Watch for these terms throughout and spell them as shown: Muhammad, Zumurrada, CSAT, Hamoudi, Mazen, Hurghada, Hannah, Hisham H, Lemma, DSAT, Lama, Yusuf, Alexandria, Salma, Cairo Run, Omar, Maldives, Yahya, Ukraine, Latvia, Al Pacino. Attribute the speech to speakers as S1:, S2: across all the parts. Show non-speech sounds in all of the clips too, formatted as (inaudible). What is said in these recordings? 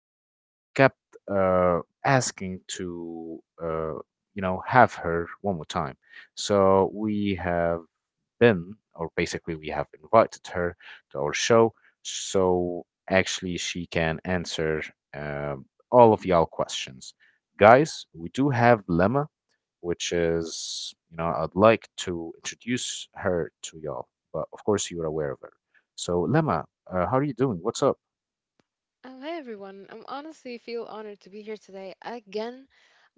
S1: like y'all kept uh, asking to, you know, have her one more time. So we have been, or basically, we have invited her to our show so actually she can answer um, all of y'all questions. Guys, we do have Lemma, which is, you know, I'd like to introduce her to y'all, but of course, you're aware of her. So, Lemma, how are you doing? What's up?
S2: Oh, hey everyone. I am honestly feel honored to be here today again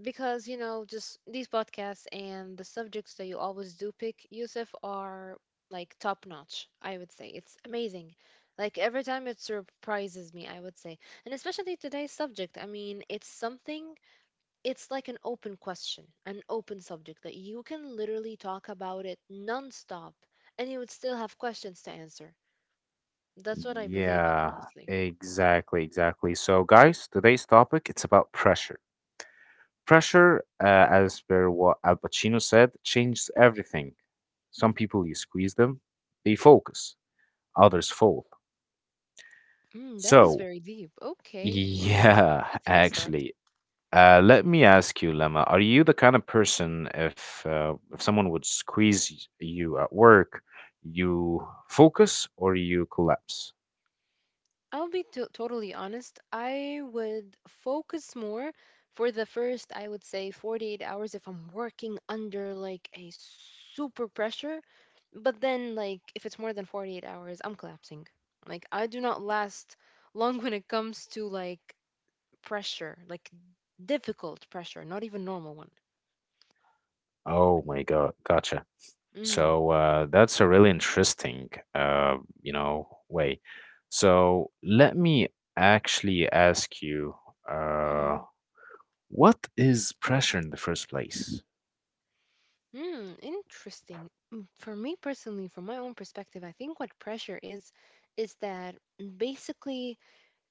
S2: because, you know, just these podcasts and the subjects that you always do pick, Yusuf, are like top notch, I would say. It's amazing. Like every time it surprises me, I would say. And especially today's subject. I mean, it's something, it's like an open question, an open subject that you can literally talk about it nonstop and you would still have questions to answer. That's what I believe in,
S1: Yeah,
S2: honestly.
S1: exactly, exactly. So, guys, today's topic it's about pressure. Pressure, as per what Al Pacino said, changes everything. Some people, you squeeze them, they focus, others fold.
S2: Mm, that is
S1: So,
S2: very deep. Okay,
S1: yeah, (laughs)
S2: that's a good start.
S1: actually, let me ask you, Lemma, are you the kind of person if someone would squeeze you at work, you focus or you collapse?
S2: I'll be to totally honest. I would focus more for the first, I would say, 48 hours if I'm working under like a super pressure. But then, like, if it's more than 48 hours, I'm collapsing. Like, I do not last (laughs) long when it comes to like pressure, like difficult pressure, not even normal one.
S1: Oh my God, gotcha.
S2: Mm,
S1: So that's a really interesting, you know, way. So let me actually ask you. Uh,
S2: mhm.
S1: what is pressure in the first place?
S2: Interesting. For me personally, from my own perspective, I think what pressure is that basically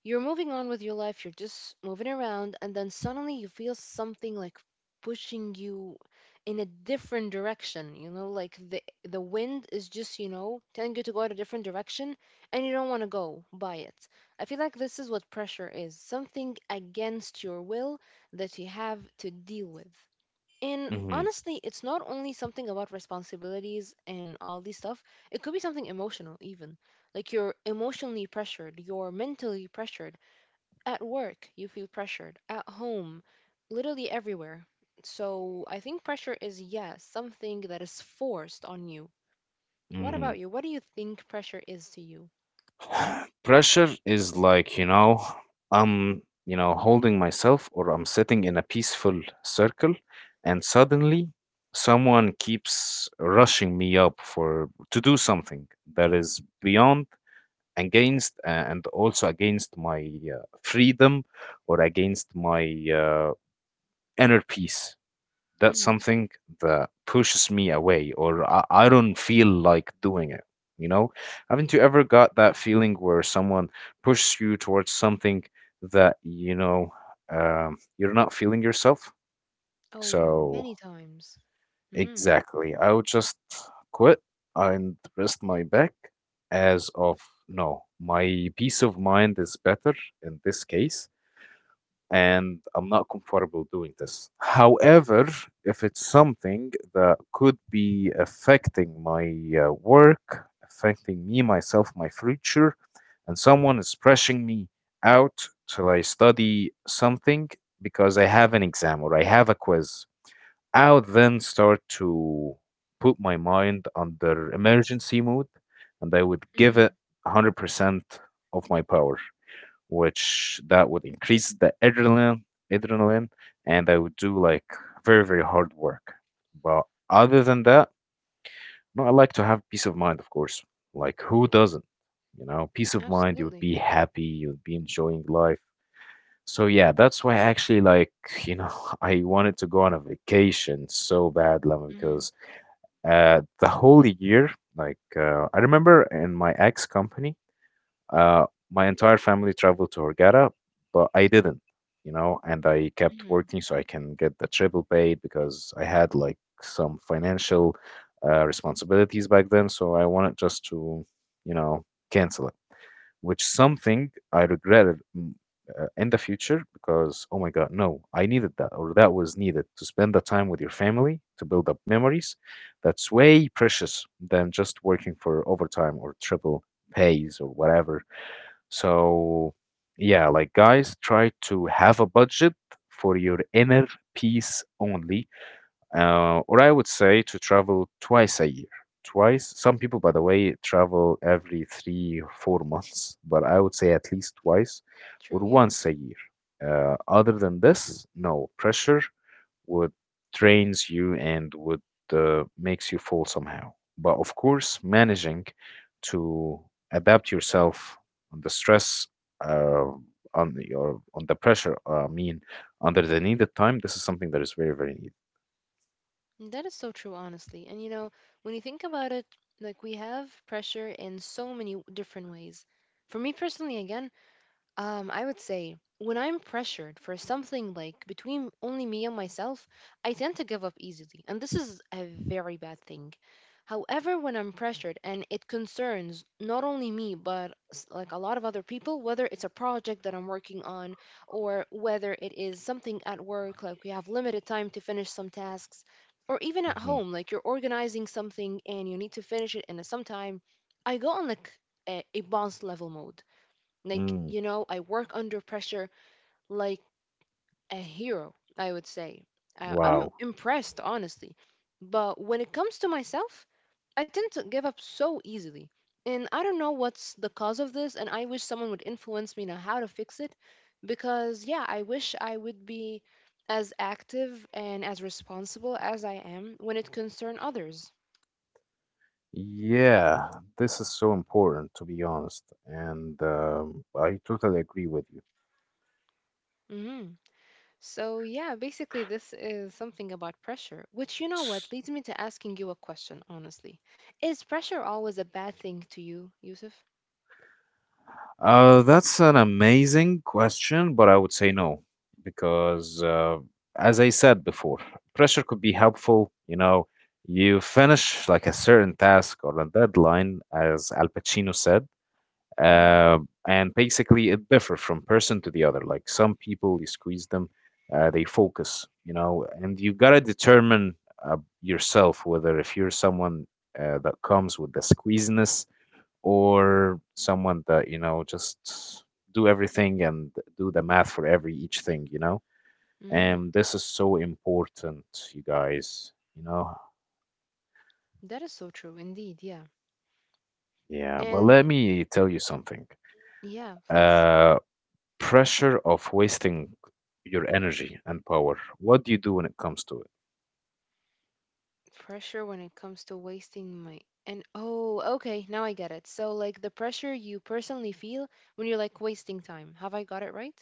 S2: you're moving on with your life, you're just moving around, and then suddenly you feel something like pushing you in a different direction, you know, like the wind is just, you know, telling you to go in a different direction and you don't want to go by it. I feel like this is what pressure is, something against your will that you have to deal with. And
S1: Hmm.
S2: honestly, it's not only something about responsibilities and all these stuff, it could be something emotional, even. Like you're emotionally pressured, you're mentally pressured. At work, you feel pressured. At home, literally everywhere. So I think pressure is, yes, something that is forced on you. What
S1: Hmm.
S2: about you? What do you think pressure is to you?
S1: (sighs) Pressure is like, you know, I'm, you know, holding myself or I'm sitting in a peaceful circle and suddenly someone keeps rushing me up for to do something that is beyond against and also against my freedom or against my uh, inner peace. That's
S2: Hmm.
S1: something that pushes me away or I don't feel like doing it. You know, haven't you ever got that feeling where someone pushes you towards something that you know, you're not feeling yourself?
S2: Oh,
S1: So
S2: many times. Mm-hmm.
S1: exactly, I would just quit and rest my back as of no, my peace of mind is better in this case and I'm not comfortable doing this. However, if it's something that could be affecting my work, affecting me, myself, my future, and someone is pressing me out till I study something because I have an exam or I have a quiz, I'll then start to put my mind under emergency mode and I would
S2: Mm-hmm.
S1: give it 100% of my power, which that would increase the adrenaline, adrenaline, and I would do like very, very hard work. But other than that, no, I like to have peace of mind, of course. Like who doesn't? You know, peace of mind, you would
S2: Absolutely.
S1: be happy, you would be enjoying life. So yeah, that's why actually like, you know, (laughs) I wanted to go on a vacation so bad, Lemma,
S2: Mm-hmm.
S1: because the whole year, like I remember in my ex company, uh, my entire family traveled to Hurghada, but I didn't, you know, and I kept
S2: Mm-hmm.
S1: working so I can get the triple pay because I had like some financial responsibilities back then. So I wanted just to, you know, cancel it, which something I regretted in the future because, oh my God, no, I needed that or that was needed to spend the time with your family to build up memories. That's way precious than just working for overtime or triple pays or whatever so, yeah, like guys, try to have a budget for your inner peace only. Or I would say to travel twice a year. Twice. Some people, by the way, travel every three, 4 months, but I would say at least twice or
S2: True, yeah.
S1: once a year. Other than this, no pressure would drains you and would makes you fall somehow. But of course, managing to adapt yourself on the stress, uh, on the, or on the pressure, I mean, under the needed time, this is something that is very, very needed.
S2: That is so true, honestly. And you know, when you think about it, like we have pressure in so many different ways. For me personally, again, I would say when I'm pressured for something like between only me and myself, I tend to give up easily, and this is a very bad thing. However, when I'm pressured and it concerns not only me but like a lot of other people, whether it's a project that I'm working on or whether it is something at work, like we have limited time to finish some tasks, or even at
S1: Mhm.
S2: home, like you're organizing something and you need to finish it in a some time, I go on like a boss level mode like,
S1: Mm.
S2: you know, I work under pressure like a hero, I would say. I'm
S1: Wow.
S2: impressed, honestly. But when it comes to myself, I tend to give up so easily. And I don't know what's the cause of this, and I wish someone would influence me on how to fix it. Because, yeah, I wish I would be as active and as responsible as I am when it concerns others.
S1: Yeah, this is so important to be honest, and I totally agree with you.
S2: Mm-hmm. So, yeah, basically, this is something about pressure, which you know what leads me to asking you a question, honestly. Is pressure always a bad thing to you, Yusuf?
S1: That's an amazing question, but I would say no, because as I said before, pressure could be helpful. You know, you finish like a certain task or a deadline, as Al Pacino said,
S2: Mm hmm.
S1: uh, and basically it differs from person to the other. Like some people, you squeeze them, they focus, you know, and you gotta determine yourself whether if you're someone that comes with the squeeziness or someone that you know just do everything and do the math for every each thing, you know,
S2: Mm hmm.
S1: and this is so important, you guys, you know.
S2: That is so true, indeed, yeah.
S1: Yeah, but
S2: And
S1: let me tell you something.
S2: yeah, please.
S1: uh pressure of wasting your energy and power, what do you do when it comes to it?
S2: Pressure when it comes to wasting my. And oh, okay, now I get it. So, like the pressure you personally feel when you're like wasting time. Have I got it right?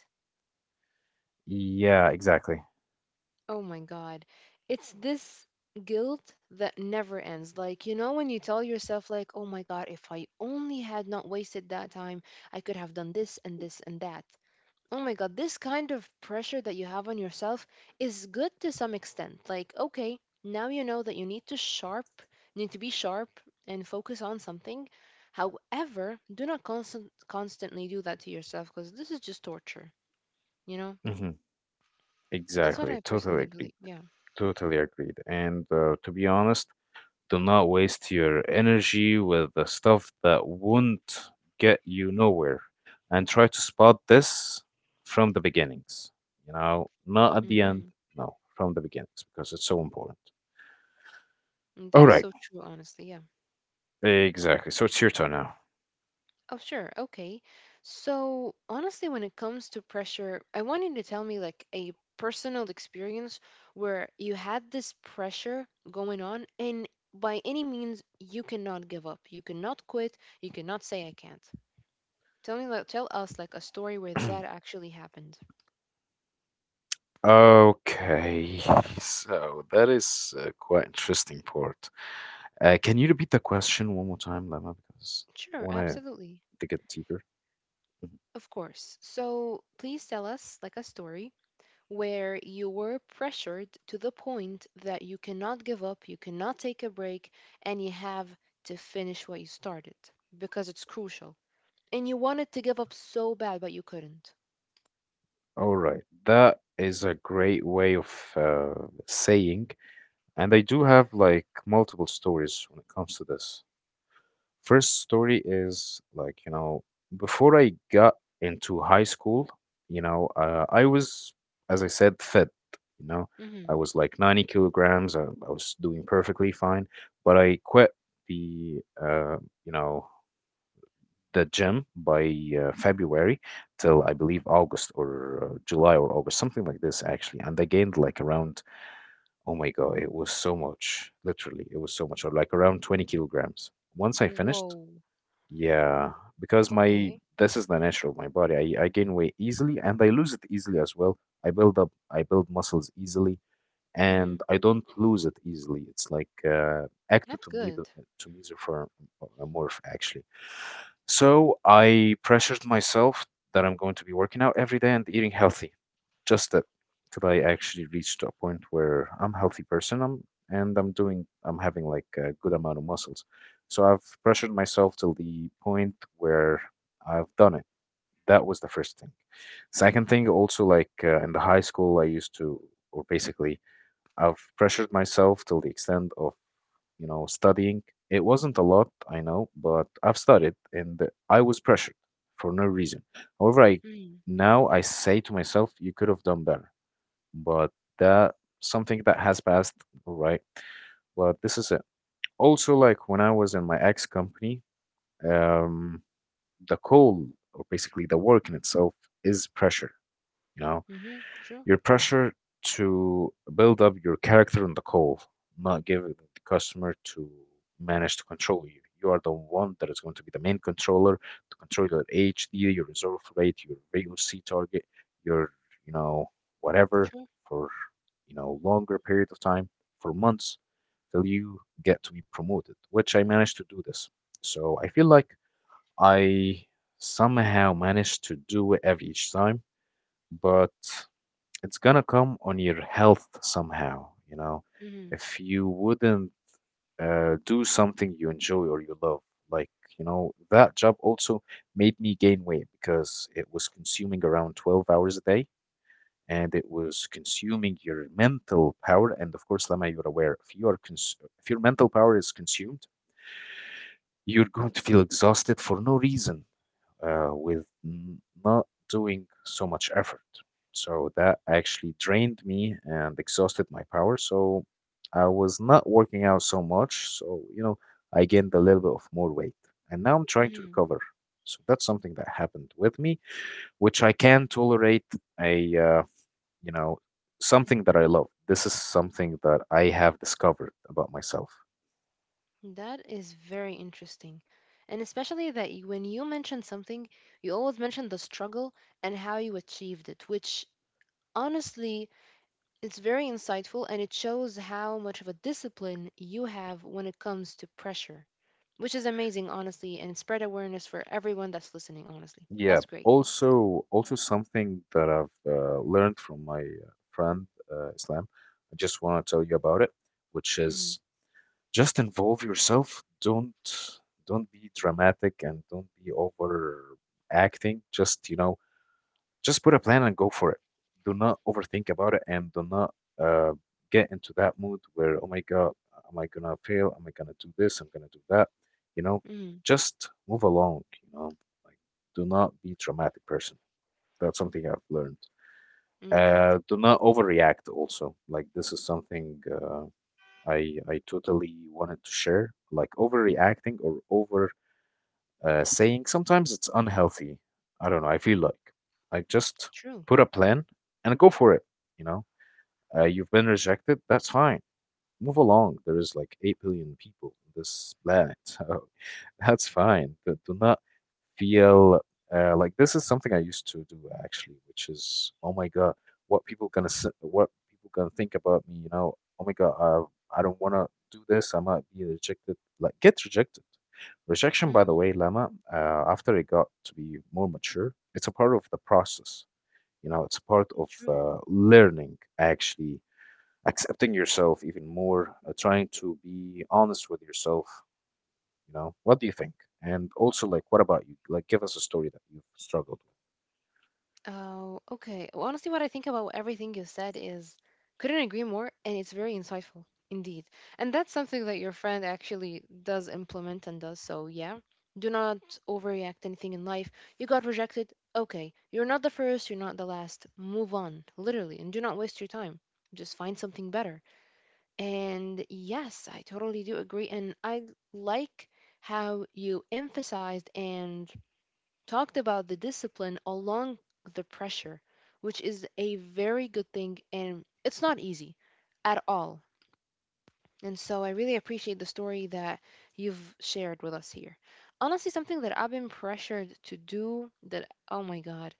S1: Yeah, exactly.
S2: Oh my God. It's this guilt that never ends. Like, you know, when you tell yourself, like, oh my God, if I only had not wasted that time, I could have done this and this and that. Oh my God, this kind of pressure that you have on yourself is good to some extent. Like, okay, now you know that you need to need to be sharp and focus on something. However, do not constantly do that to yourself because this is just torture, you know?
S1: Hmm,
S2: That's what
S1: exactly,
S2: I
S1: totally
S2: personally
S1: agreed.
S2: believe. Yeah.
S1: Totally agreed, and to be honest, do not waste your energy with the stuff that won't get you nowhere. And try to spot this from the beginnings, you know, not at the end,
S2: Mhm.
S1: no, from the beginnings, because it's so important.
S2: Mm,
S1: All
S2: that is
S1: right,
S2: so true, honestly. Yeah.
S1: exactly. So it's your turn now.
S2: Oh, sure. Okay. So, honestly, when it comes to pressure, I want you to tell me like a personal experience where you had this pressure going on, and by any means, you cannot give up. You cannot quit. You cannot say, I can't. Tell me, like, tell us like a story where that
S1: (clears throat)
S2: actually happened.
S1: Okay, (laughs) so that is quite interesting part. Can you repeat the question one more time, Lama? Because
S2: Sure.
S1: I want to
S2: Absolutely.
S1: dig it deeper. Mhm.
S2: Of course. So, please tell us like a story where you were pressured to the point that you cannot give up, you cannot take a break, and you have to finish what you started because it's crucial. And you wanted to give up so bad, but you couldn't.
S1: All right, that is a great way of uh, saying, and I do have like multiple stories when it comes to this. First story is like, you know, before I got into high school, you know, I was, as I said, fit, you know, I
S2: Hmm.
S1: was like 90 kilograms. I was doing perfectly fine, but I quit the, you know, the gym by February till I believe August or July or August, something like this actually. And I gained like around, oh my God, it was so much, literally, it was so much, or like around 20 kilograms. Once I finished,
S2: Whoa.
S1: yeah, because
S2: Okay.
S1: my this is the nature of my body. I gain weight easily and I lose it easily as well. I build up, I build muscles easily,
S2: Hmm.
S1: and I don't lose it easily. It's like
S2: That's
S1: ectotomy,
S2: good.
S1: to mesomorph actually. So I pressured myself that I'm going to be working out every day and eating healthy. Just that till I actually reached a point where I'm a healthy person. I'm and I'm doing I'm having like a good amount of muscles. So I've pressured myself till the point where I've done it. That was the first thing. Second thing, also like in the high school, I used to, or basically, I've pressured myself till the extent of, you know, studying. It wasn't a lot, I know, but I've studied and I was pressured for no reason. However, I
S2: Hmm.
S1: now I say to myself, you could have done better, but that something that has passed, right? But this is it. Also, like when I was in my ex company, um, the call or basically the work in itself is pressure, you know,
S2: Hmm. True.
S1: your pressure to build up your character on the call, not giving the customer to manage to control you. You are the one that is going to be the main controller to control your HD, your reserve rate, your VOC target, your, you know, whatever
S2: True.
S1: for, you know, longer period of time, for months till you get to be promoted, which I managed to do this. So I feel like I somehow managed to do it every each time, but it's gonna come on your health somehow, you know.
S2: Hmm.
S1: If you wouldn't do something you enjoy or you love, like, you know, that job also made me gain weight because it was consuming around 12 hours a day and it was consuming your mental power. And of course, Lama, you're aware if you are if your mental power is consumed, you're going to feel exhausted for no reason with not doing so much effort. So that actually drained me and exhausted my power. So I was not working out so much. So, you know, I gained a little bit of more weight. And now I'm trying to
S2: Hmm.
S1: recover. So that's something that happened with me, which I can tolerate a, uh, you know, something that I love. This is something that I have discovered about myself.
S2: That is very interesting. And especially that you, when you mention something, you always mention the struggle and how you achieved it, which honestly it's very insightful and it shows how much of a discipline you have when it comes to pressure, which is amazing, honestly, and spread awareness for everyone that's listening, honestly.
S1: Yeah.
S2: That's great.
S1: Also, also something that I've learned from my friend Islam. I just want to tell you about it, which
S2: Mm-hmm.
S1: is just involve yourself. Don't be dramatic and don't be overacting. Just you know, just put a plan and go for it. Do not overthink about it and do not uh, get into that mood where, oh my God, am I gonna fail? Am I gonna do this? I'm gonna do that. You know,
S2: Mm-hmm.
S1: just move along, like do not be dramatic person. That's something I've learned.
S2: Indeed.
S1: Do not overreact also. Like this is something I totally wanted to share. Like overreacting or over saying sometimes it's unhealthy. I don't know. I feel like just
S2: True.
S1: put a plan and go for it. You know, you've been rejected. That's fine. Move along. There is like 8 billion people on this planet, (laughs) so that's fine. But do not feel like this is something I used to do actually, which is, oh my God, what people gonna think about me? You know, oh my God, I don't wanna do this. I might be rejected. Like get rejected. Rejection, by the
S2: Mm-hmm.
S1: way, Lama, after I got to be more mature, it's a part of the process. You know, it's a part of
S2: True.
S1: learning, actually, accepting yourself even more, trying to be honest with yourself, you know, what do you think? And also, like, what about you? Like, give us a story that you've struggled with.
S2: Oh, okay. Well, honestly, what I think about everything you said is couldn't agree more, and it's very insightful indeed. And that's something that your friend actually does implement and does. So, yeah, do not overreact anything in life. You got rejected. Okay, you're not the first, you're not the last. Move on, literally, and do not waste your time. Just find something better. And yes, I totally do agree. And I like how you emphasized and talked about the discipline along the pressure, which is a very good thing and it's not easy at all. And so I really appreciate the story that you've shared with us here. Honestly, something that I've been pressured to do that, oh my God.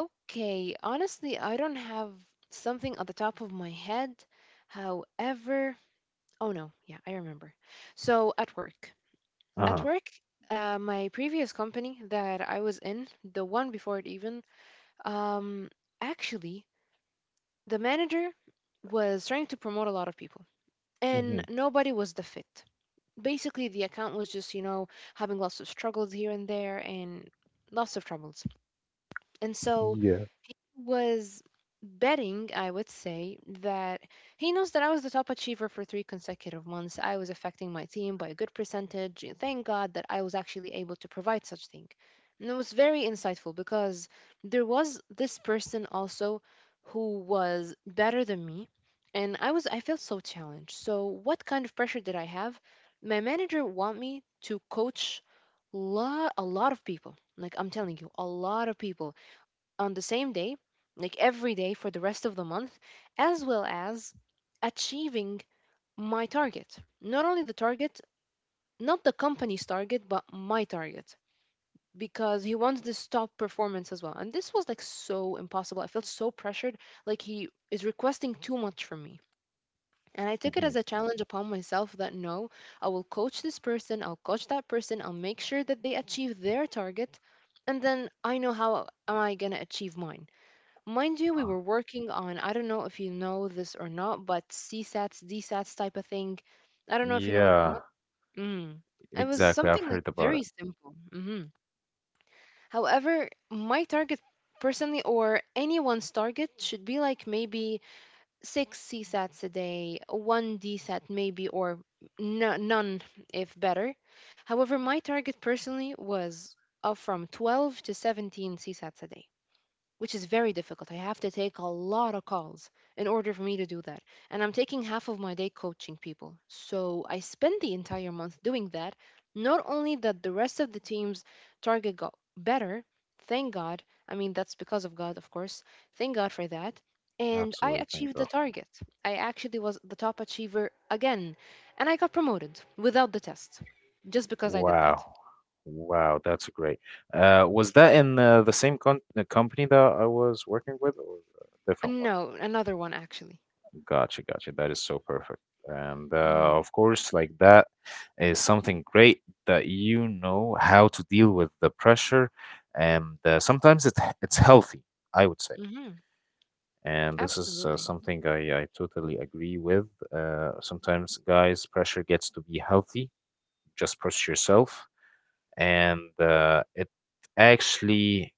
S2: Okay, honestly, I don't have something at the top of my head. However, oh no, yeah, I remember. So at
S1: Uh-huh.
S2: work, my previous company that I was in, the one before it even, um, actually, the manager was trying to promote a lot of people, and
S1: Hmm.
S2: nobody was the fit. Basically, the account was just, you know, having lots of struggles here and there and lots of troubles. And so
S1: Yeah.
S2: he was betting, I would say, that he knows that I was the top achiever for three consecutive months. I was affecting my team by a good percentage. And thank God that I was actually able to provide such thing. And it was very insightful because there was this person also who was better than me. And I felt so challenged. So what kind of pressure did I have? My manager want me to coach lot a lot of people. Like I'm telling you, a lot of people on the same day, like every day for the rest of the month, as well as achieving my target. Not only the target, not the company's target, but my target because he wants this top performance as well. And this was like so impossible. I felt so pressured, like he is requesting too much from me. And I took it
S1: Hmm.
S2: as a challenge upon myself that no, I will coach this person, I'll coach that person, I'll make sure that they achieve their target, and then I know how am I going to achieve mine. Mind you, we
S1: Uh,
S2: were working on, I don't know if you know this or not, but CSATs, DSATs type of thing. I don't know if you know it or not.
S1: yeah,
S2: Mm. It was
S1: exactly.
S2: something
S1: I've
S2: like
S1: heard about
S2: very
S1: it.
S2: simple. Hmm. However, my target personally, or anyone's target, should be like maybe six CSATs a day, one DSAT maybe, or none if better. However, my target personally was from 12 to 17 CSATs a day which is very difficult. I have to take a lot of calls in order for me to do that. And I'm taking half of my day coaching people. So I spend the entire month doing that. Not only that the rest of the team's target got better, thank God. I mean, that's because of God, of course. Thank God for that. And I
S1: Absolutely. Thank
S2: achieved the
S1: God.
S2: target. I actually was the top achiever again. And I got promoted without the test, just because I did that.
S1: Wow. Wow, that's great. Was that in the same con the company that I was working with or a different one?
S2: No, another one actually.
S1: Gotcha, gotcha. That is so perfect. And
S2: Hmm.
S1: of course, like that is something great that you know how to deal with the pressure, and sometimes it it's healthy, I would say.
S2: Hmm.
S1: And this is
S2: Absolutely.
S1: something I totally agree with. Sometimes, guys, pressure gets to be healthy. Just push yourself, and it actually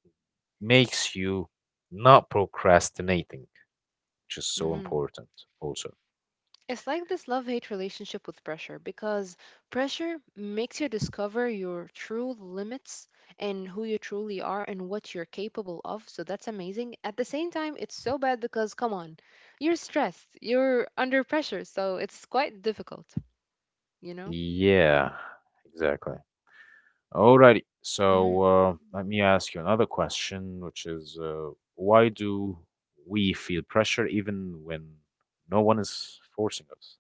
S1: makes you not procrastinating, which is so
S2: Hmm.
S1: important also.
S2: It's like this love hate relationship with pressure because pressure makes you discover your true limits and who you truly are and what you're capable of. So that's amazing. At the same time, it's so bad because, come on, you're stressed, you're under pressure. So it's quite difficult, you know?
S1: Yeah, exactly. Alrighty. So
S2: Mhm.
S1: let me ask you another question, which is why do we feel pressure even when no one is forcing us?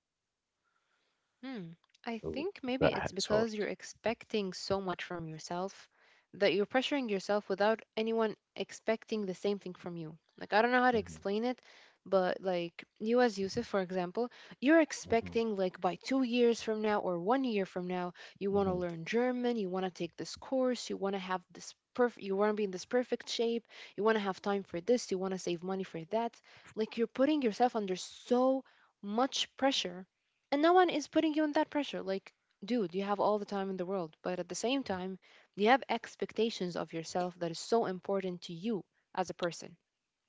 S2: Hmm. I
S1: Oh,
S2: think maybe
S1: that
S2: it's
S1: hits hard.
S2: because you're expecting so much from yourself that you're pressuring yourself without anyone expecting the same thing from you. Like, I don't know how to
S1: Hmm.
S2: explain it, but like you as Yusuf, for example, you're
S1: Hmm.
S2: expecting like by 2 years from now or 1 year from now, you want to
S1: Hmm.
S2: learn German, you want to take this course, you want to have this perfect, you want to be in this perfect shape, you want to have time for this, you want to save money for that. Like, you're putting yourself under so much pressure and no one is putting you on that pressure. Like, dude, you have all the time in the world, but at the same time, you have expectations of yourself that is so important to you as a person.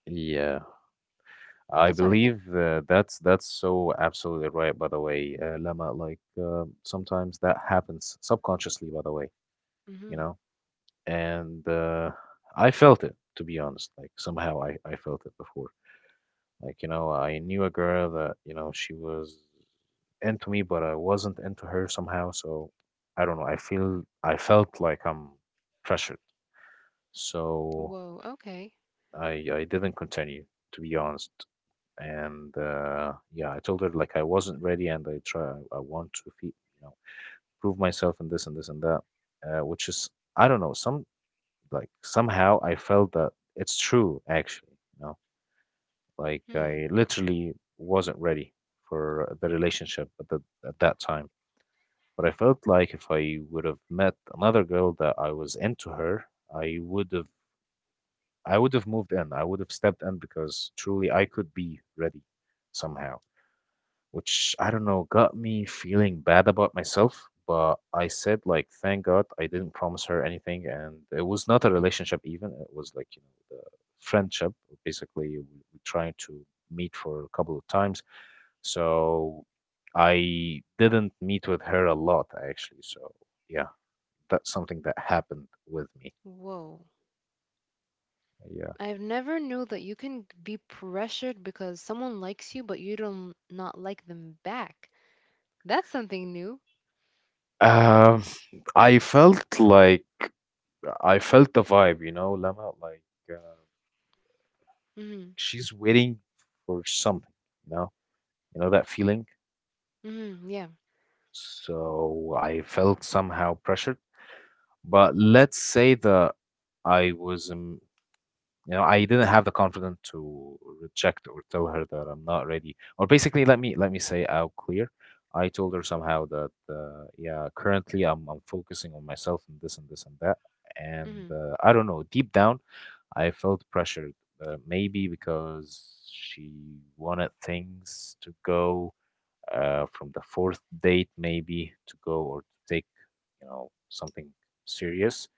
S1: Yeah, I
S2: That's what I
S1: believe
S2: think.
S1: that's so absolutely right. By the way, Lama, like sometimes that happens subconsciously. By the way, you
S2: Hmm.
S1: know, and I felt it to be honest. Like somehow I felt it before. Like, you know, I knew a girl that, you know, she was into me, but I wasn't into her somehow. So I don't know. I felt like I'm pressured. So
S2: Whoa. Okay.
S1: I didn't continue, to be honest. And yeah, I told her like I wasn't ready, and I want to fe you know prove myself in this and this and that, which is I don't know some like somehow I felt that it's true actually. You know, like I
S2: Hmm.
S1: literally wasn't ready for the relationship at that time. But I felt like if I would have met another girl that I was into her, I would have I would have moved in. I would have stepped in because truly I could be ready somehow, which I don't know got me feeling bad about myself. But I said like, thank God I didn't promise her anything, and it was not a relationship even. It was like you know the friendship. Basically, we trying to meet for a couple of times, so I didn't meet with her a lot actually. So yeah, that's something that happened with me.
S2: Whoa.
S1: Yeah.
S2: I've never knew that you can be pressured because someone likes you, but you don't not like them back. That's something new.
S1: Um, I felt like I felt the vibe, you know, Lama, like uh,
S2: Hmm.
S1: she's waiting for something, you know, you know that feeling.
S2: Hmm. Yeah.
S1: So I felt somehow pressured, but let's say that I was you know, I didn't have the confidence to reject or tell her that I'm not ready. Or basically, let me say out clear. I told her somehow that yeah, currently I'm focusing on myself and this and this and that. And
S2: Hmm.
S1: I don't know, deep down, I felt pressured. Maybe because she wanted things to go from the fourth date, maybe to go or to take you know something serious,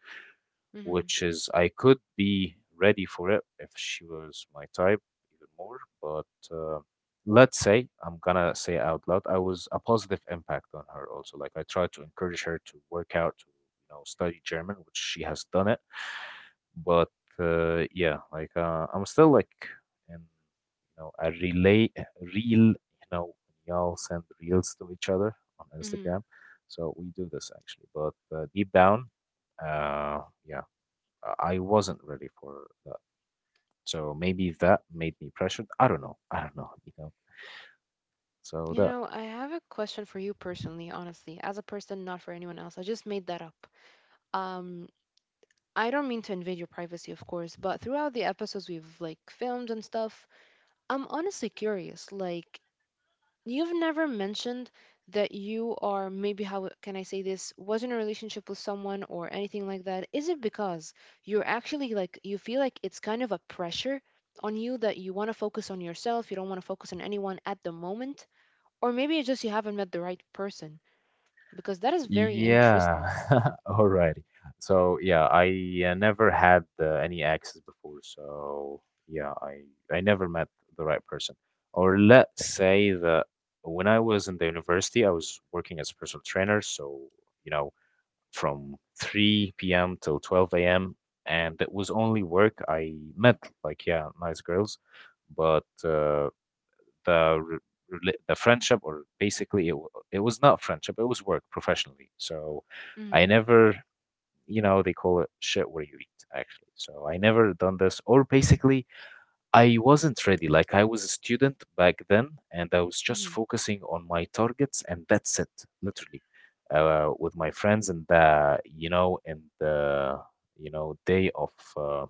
S2: Hmm.
S1: which is I could be ready for it if she was my type even more. But let's say I'm gonna say out loud, I was a positive impact on her also. Like I tried to encourage her to work out, to you know, study German, which she has done it. But yeah, like I'm still like in you know a relay real you know y'all send reels to each other on
S2: Hmm.
S1: Instagram. So we do this actually, but deep down, yeah, I wasn't ready for that. So maybe that made me pressured. I don't know. I don't know, you know. So
S2: You
S1: that.
S2: know, I have a question for you personally, honestly, as a person, not for anyone else. I just made that up. um I don't mean to invade your privacy, of course, but throughout the episodes we've like filmed and stuff, I'm honestly curious. Like, you've never mentioned that you are maybe how can I say this was in a relationship with someone or anything like that. Is it because you're actually like you feel like it's kind of a pressure on you that you want to focus on yourself, you don't want to focus on anyone at the moment, or maybe it's just you haven't met the right person because that is very
S1: Yeah.
S2: interesting.
S1: (laughs) Alrighty. So yeah, I never had any exes before. So yeah, I never met the right person. Or let's say that when I was in the university, I was working as a personal trainer. So you know, from 3 p.m. till 12 a.m. And it was only work. I met like yeah, nice girls, but the the friendship or basically it was not friendship, it was work professionally, so I
S2: Mm-hmm.
S1: never you know they call it shit where you eat actually so I never done this, or basically I wasn't ready like I was a student back then and I was just
S2: Mm-hmm.
S1: focusing on my targets and that's it literally. With my friends and the you know and the you know day of uh,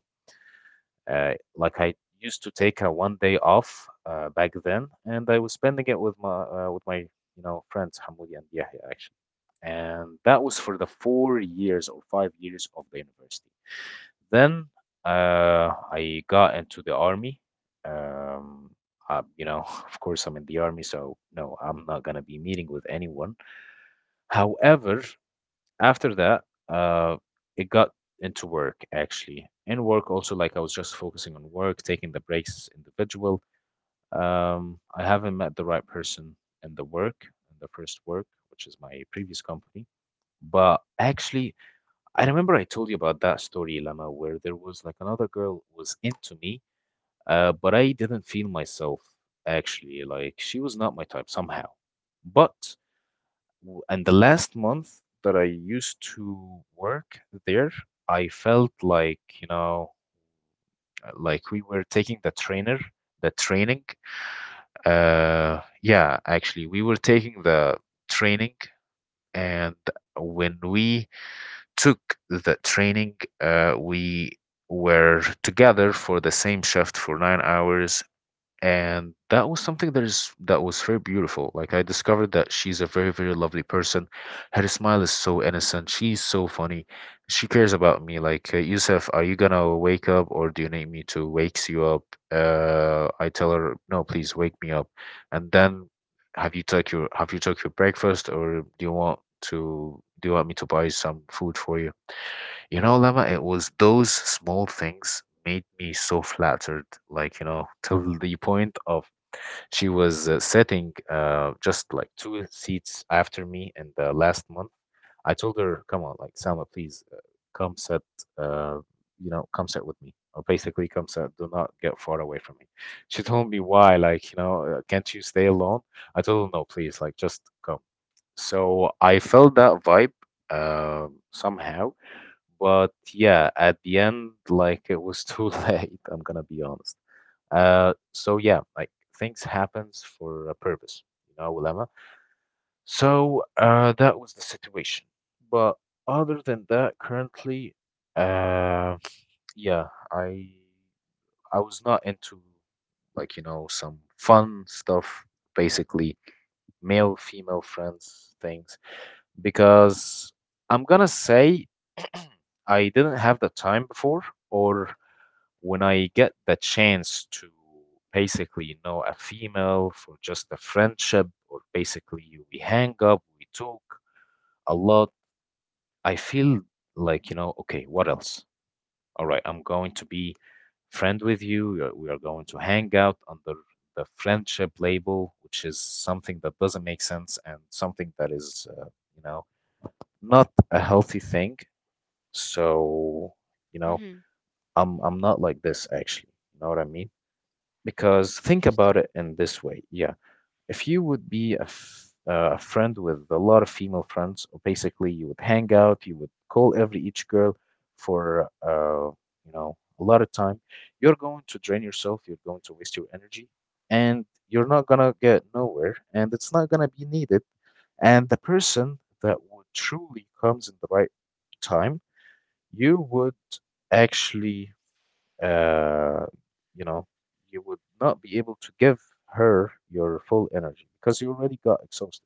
S1: uh, like I used to take a one day off back then, and I was spending it with my you know friends Hamoudi and Yahya actually, and that was for the 4 years or 5 years of the university. Then I got into the army. Um, you know, (laughs) of course, I'm in the army, so no, I'm not gonna be meeting with anyone. However, after that, uh, it got into work actually. In work also, like I was just focusing on work, taking the breaks individual. I haven't met the right person in the work, in the first work, which is my previous company. But actually, I remember I told you about that story, Lama, where there was like another girl was into me, but I didn't feel myself actually. Like she was not my type somehow. But and the last month that I used to work there, I felt like, you know, like we were taking the training. Yeah, actually, we were taking the training. And when we took the training, we were together for the same shift for 9 hours, and that was something that was very beautiful. Like I discovered that she's a very very lovely person, her smile is so innocent, she's so funny, she cares about me, like yusuf, are you gonna wake up or do you need me to wakes you up? I tell her no please wake me up. And then, have you took your breakfast, or do you want me to buy some food for you? You know, Lama, it was those small things made me so flattered, like, you know, (laughs) till the point of she was sitting just like two seats after me in the last month. I told her, come on, like, Salma, please come sit, uh, you know, come sit with me. Or basically, come sit, do not get far away from me. She told me why, like, you know, can't you stay alone? I told her, no, please, like, just come. So I felt that vibe somehow. But yeah, at the end, like it was too (laughs) late, I'm gonna be honest. So yeah, like things happens for a purpose, you know, Lemma. So that was the situation. But other than that, currently, uh, yeah, I was not into like, you know, some fun stuff, basically male female friends things, because I'm gonna say (clears throat) I didn't have the time before, or when I get the chance to basically know a female for just a friendship, or basically we hang up, we talk a lot, I feel like, you know, okay, what else? All right, I'm going to be friend with you. We are going to hang out under the friendship label, which is something that doesn't make sense and something that is, you know, not a healthy thing. So, you know,
S2: Mm-hmm.
S1: I'm not like this actually. You know what I mean? Because think
S2: Interesting.
S1: about it in this way. Yeah, if you would be a a friend with a lot of female friends, or basically you would hang out, you would call every each girl for you know, a lot of time. You're going to drain yourself, you're going to waste your energy, and you're not gonna get nowhere, and it's not gonna be needed. And the person that would truly comes in the right time you would actually, uh, you know, you would not be able to give her your full energy because you already got exhausted.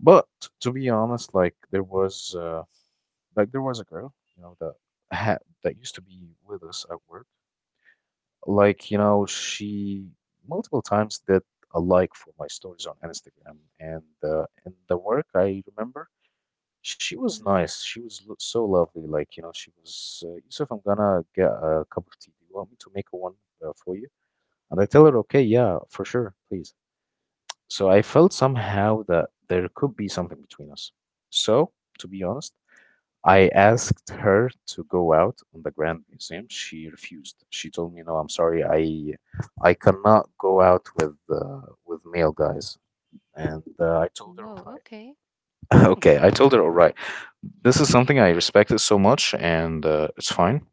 S1: But to be honest, like there was a girl, that had that used to be with us at work. Like you know, she multiple times did a like for my stories on Instagram, and in the work, I remember she was nice. She was l so lovely, she was, "Yusuf, I'm gonna get a cup of tea. Do you want me to make a one, for you?" And I tell her, "Okay, yeah, for sure, please." So I felt somehow that there could be something between us. So, to be honest, I asked her to go out on the Grand Museum. She refused. She told me, "No, I'm sorry. I cannot go out with male guys." And I told her,
S2: Whoa,
S1: "All right."
S2: okay.
S1: Okay, I told her, all right, this is something I respected so much, and it's fine.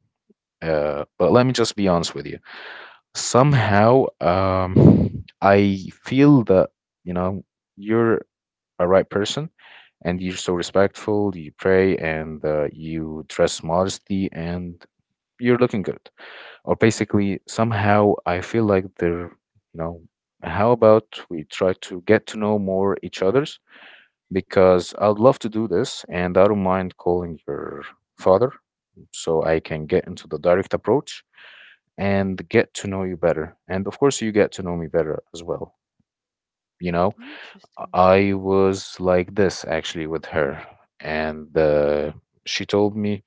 S1: But let me just be honest with you. Somehow, I feel that, you know, you're a right person and you're so respectful, you pray, and you dress modestly, and you're looking good. Or basically, somehow, I feel like they're, you know, how about we try to get to know more each other's? Because I'd love to do this and I don't mind calling your father so I can get into the direct approach and get to know you better. And of course, you get to know me better as well. You know,
S2: Interesting.
S1: I was like this actually with her, and she told me,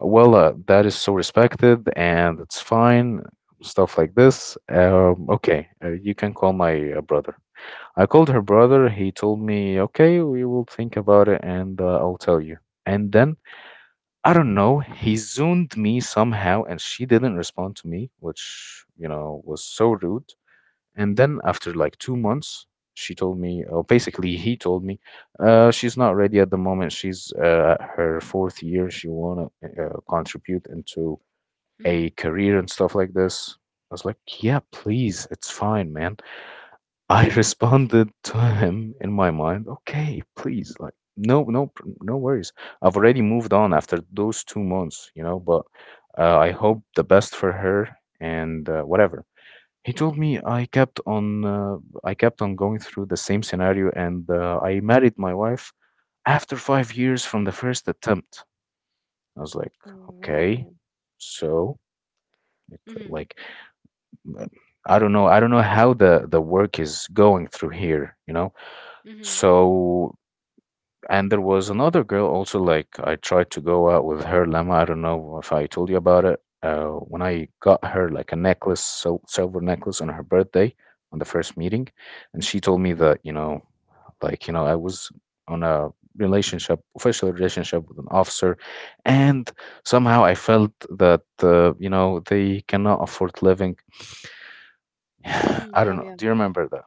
S1: well, that is so respected and it's fine, stuff like this. Okay, you can call my brother. I called her brother. He told me, okay, we will think about it and I'll tell you. And then, I don't know, he zoomed me somehow and she didn't respond to me, which, you know, was so rude. And then after like 2 months, she told me, or basically he told me, she's not ready at the moment. She's at her fourth year. She want to contribute into
S2: Mhm.
S1: a career and stuff like this. I was like, yeah, please, it's fine, man. I (laughs)
S2: Mhm.
S1: responded to him in my mind, okay, please, like, no, no, no worries. I've already moved on after those 2 months, you know, but I hope the best for her and whatever. He told me I kept on going through the same scenario, and I married my wife after 5 years from the first attempt. I was like,
S2: Whoa.
S1: okay, so
S2: Mhm.
S1: like, like, I don't know how the work is going through here, you know.
S2: Mhm.
S1: So, and there was another girl also, like I tried to go out with her, Lama. I don't know if I told you about it. When I got her like a necklace, so silver necklace on her birthday on the first meeting, and she told me that, I was on a relationship, official relationship with an officer, and somehow I felt that, they cannot afford living. (sighs)
S2: Mhm.
S1: I
S2: Yeah,
S1: don't
S2: yeah.
S1: know. Do you remember that?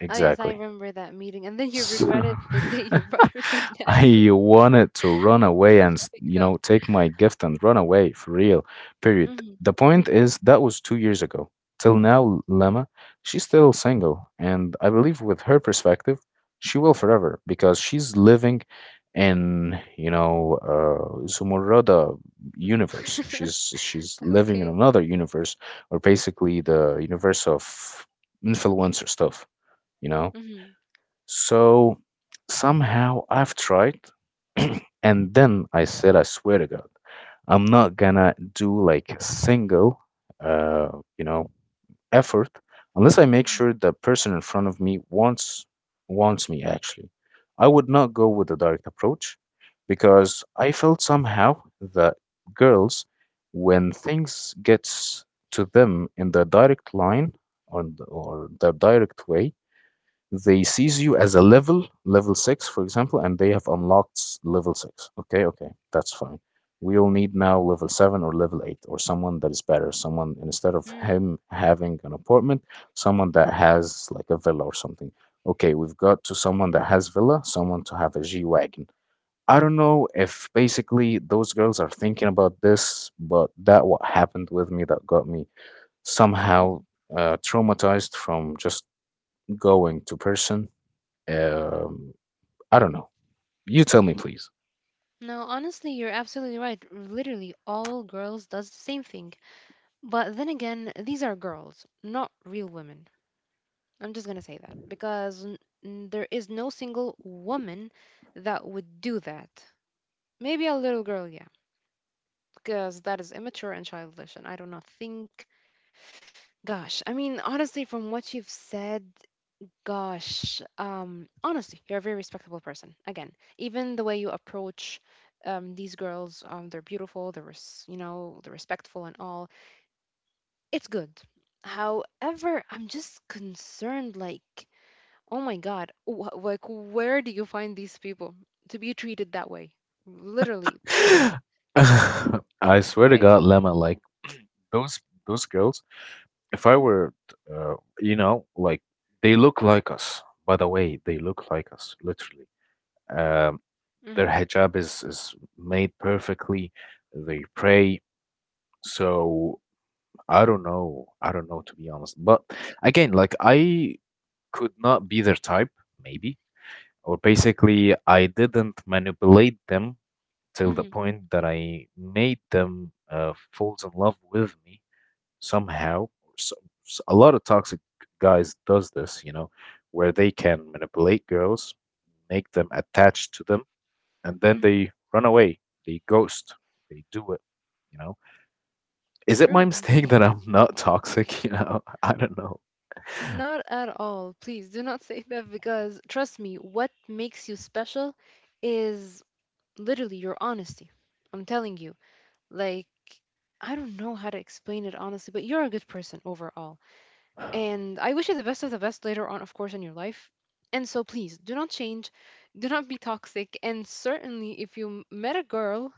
S2: Oh, yes, I
S1: Exactly.
S2: remember that meeting. And then you
S1: So
S2: regretted the day
S1: (laughs)
S2: you (laughs) brought her the neck.
S1: I
S2: (laughs)
S1: wanted to run
S2: Oh
S1: away and,
S2: my
S1: you
S2: God.
S1: know, take my gift and run away for real. Period.
S2: Mhm.
S1: The point is, that was 2 years ago. Till now, Lemma, she's still single. And I believe with her perspective, she will forever because she's living in, Zumurrada universe.
S2: (laughs)
S1: She's living
S2: Okay.
S1: in another universe, or basically the universe of influencer stuff, you know?
S2: Mhm.
S1: So somehow I've tried. (clears throat) And then I said, I swear to God, I'm not gonna do like a single, uh, you know, effort unless I make
S2: Mhm.
S1: sure the person in front of me wants me actually. I would not go with the direct approach because I felt somehow that girls, when things gets to them in the direct line or the direct way, they sees you as a level, level 6, for example, and they have unlocked level 6. Okay, okay, that's fine. We'll need now level 7 or level 8 or someone that is better. Someone, instead of
S2: Mhm.
S1: him having an apartment, someone that has like a villa or something. Okay, we've got to someone that has villa, someone to have a G-Wagon. I don't know if basically those girls are thinking about this, but that what happened with me that got me somehow
S2: Mhm.
S1: traumatized from just going to person um, I don't know. You tell me, please.
S2: No, honestly, you're absolutely right. Literally, all girls does the same thing. But then again, these are girls, not real women. I'm just gonna say that because there is no single woman that would do that. Maybe a little girl, yeah, because that is immature and childish, and I do not think. Gosh, I mean, honestly, from what you've said, gosh, honestly, you're a very respectable person. Again, even the way you approach these girls, they're beautiful, you know, they're respectful and all. It's good. However, I'm just concerned, like, oh my God, like, where do you find these people to be treated that way? Literally,
S1: (laughs) I swear to
S2: where?
S1: God, Lemma, like those those girls, if I were, uh, you know, like they look like us. By the way, they look like us, literally. Um, their
S2: Hmm.
S1: hijab is made perfectly. They pray. So I don't know. I don't know to be honest. But again, like I could not be their type, maybe, or basically I didn't manipulate them till the
S2: Hmm.
S1: point that I made them falls in love with me somehow. So, s a lot of toxic guys does this, you know, where they can manipulate girls, make them attached to them, and then they
S2: Hmm.
S1: run away, they ghost, they do it, you know. Is it my
S2: True,
S1: (laughs) mistake
S2: indeed.
S1: that I'm not toxic? (laughs) You know, I don't know.
S2: Not at all. Please do not say that because trust me, what makes you special is literally your honesty. I'm telling you. Like, I don't know how to explain it honestly, but you're a good person overall. And I wish you the best of the best later on, of course, in your life. And so please do not change, do not be toxic, and certainly if you met a girl,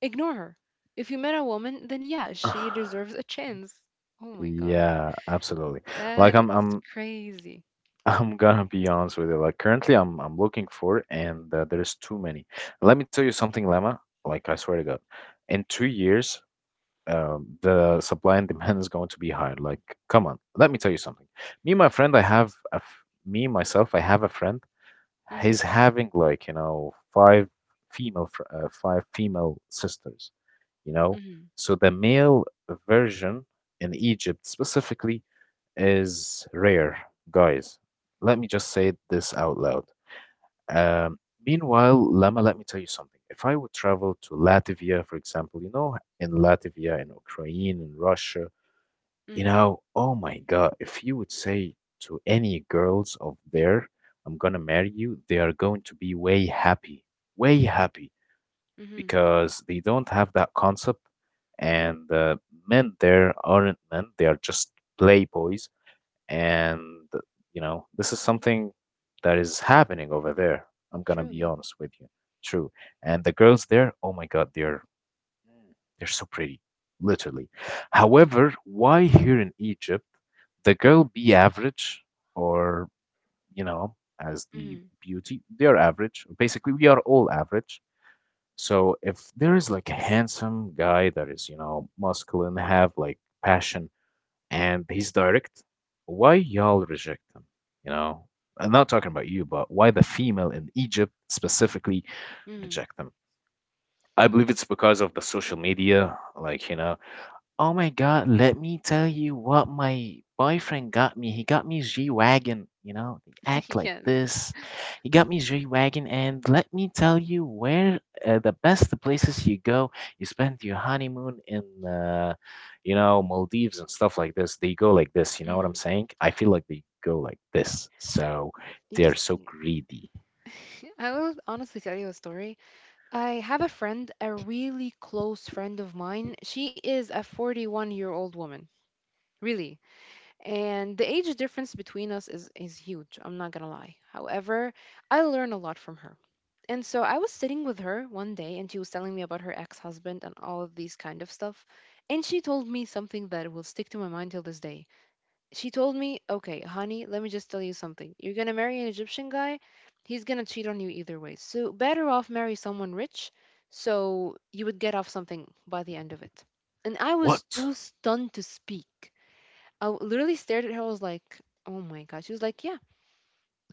S2: ignore her. If you met a woman, then yeah, she
S1: (sighs)
S2: deserves a chance. Oh my God.
S1: Yeah, absolutely. Like
S2: That
S1: i'm
S2: is
S1: i'm
S2: crazy.
S1: (laughs) I'm gonna be honest with you. Like, currently, I'm looking for it and there's too many. Let me tell you something, Lama, like I swear to God, in 2 years, the supply and demand is going to be higher. Like, come on, let me tell you something. Me, my friend, I have a me myself. I have a friend.
S2: Mhm.
S1: He's having like, you know, 5 female 5 female sisters. You know,
S2: Mhm.
S1: so the male version in Egypt specifically is rare, guys. Let me just say this out loud. Um, Meanwhile, Lama, let me tell you something. If I would travel to Latvia, for example, you know, in Latvia, in Ukraine, in Russia, you
S2: Mhm.
S1: know, oh my God, if you would say to any girls of there, I'm gonna marry you, they are going to be way happy,
S2: Mhm.
S1: because they don't have that concept. And men there aren't men, they are just playboys and, you know, this is something that is happening over there. I'm gonna
S2: True.
S1: be
S2: Yeah.
S1: honest with you. True. And the girls there, oh my God, they're so pretty, literally. However, why here in Egypt, the girl be average or, you know, as the
S2: Mhm.
S1: beauty, they're average. Basically, we are all average. So if there is like a handsome guy that is, you know, muscular and have like passion and he's direct. Why y'all reject him? You know, I'm not talking about you, but why the female in Egypt specifically
S2: Mhm.
S1: reject them? I believe it's because of the social media, like you know, oh my God, let me tell you what my boyfriend got me. He got me G-Wagon, you know, they
S2: (laughs)
S1: act like
S2: Yes.
S1: this. He got me G-Wagon, and let me tell you where the best places you go, you spend your honeymoon in, Maldives and stuff like this. They go like this, you know what I'm
S2: Mhm.
S1: saying? I feel like they go like this. So
S2: You
S1: they're so
S2: see,
S1: greedy.
S2: (laughs) I will honestly tell you a story. I have a friend, a really close friend of mine. She is a 41-year-old woman, really. And the age difference between us is, huge. I'm not going to lie. However, I learn a lot from her. And so I was sitting with her one day and she was telling me about her ex husband and all of these kind of stuff. And she told me something that will stick to my mind till this day. She told me, okay, honey, let me just tell you something. You're going to marry an Egyptian guy, he's going to cheat on you either way. So, better off marry someone rich so you would get off something by the end of it. And I was
S1: What?
S2: too stunned to speak. Literally stared at her. I was like, oh my God. She was like, yeah,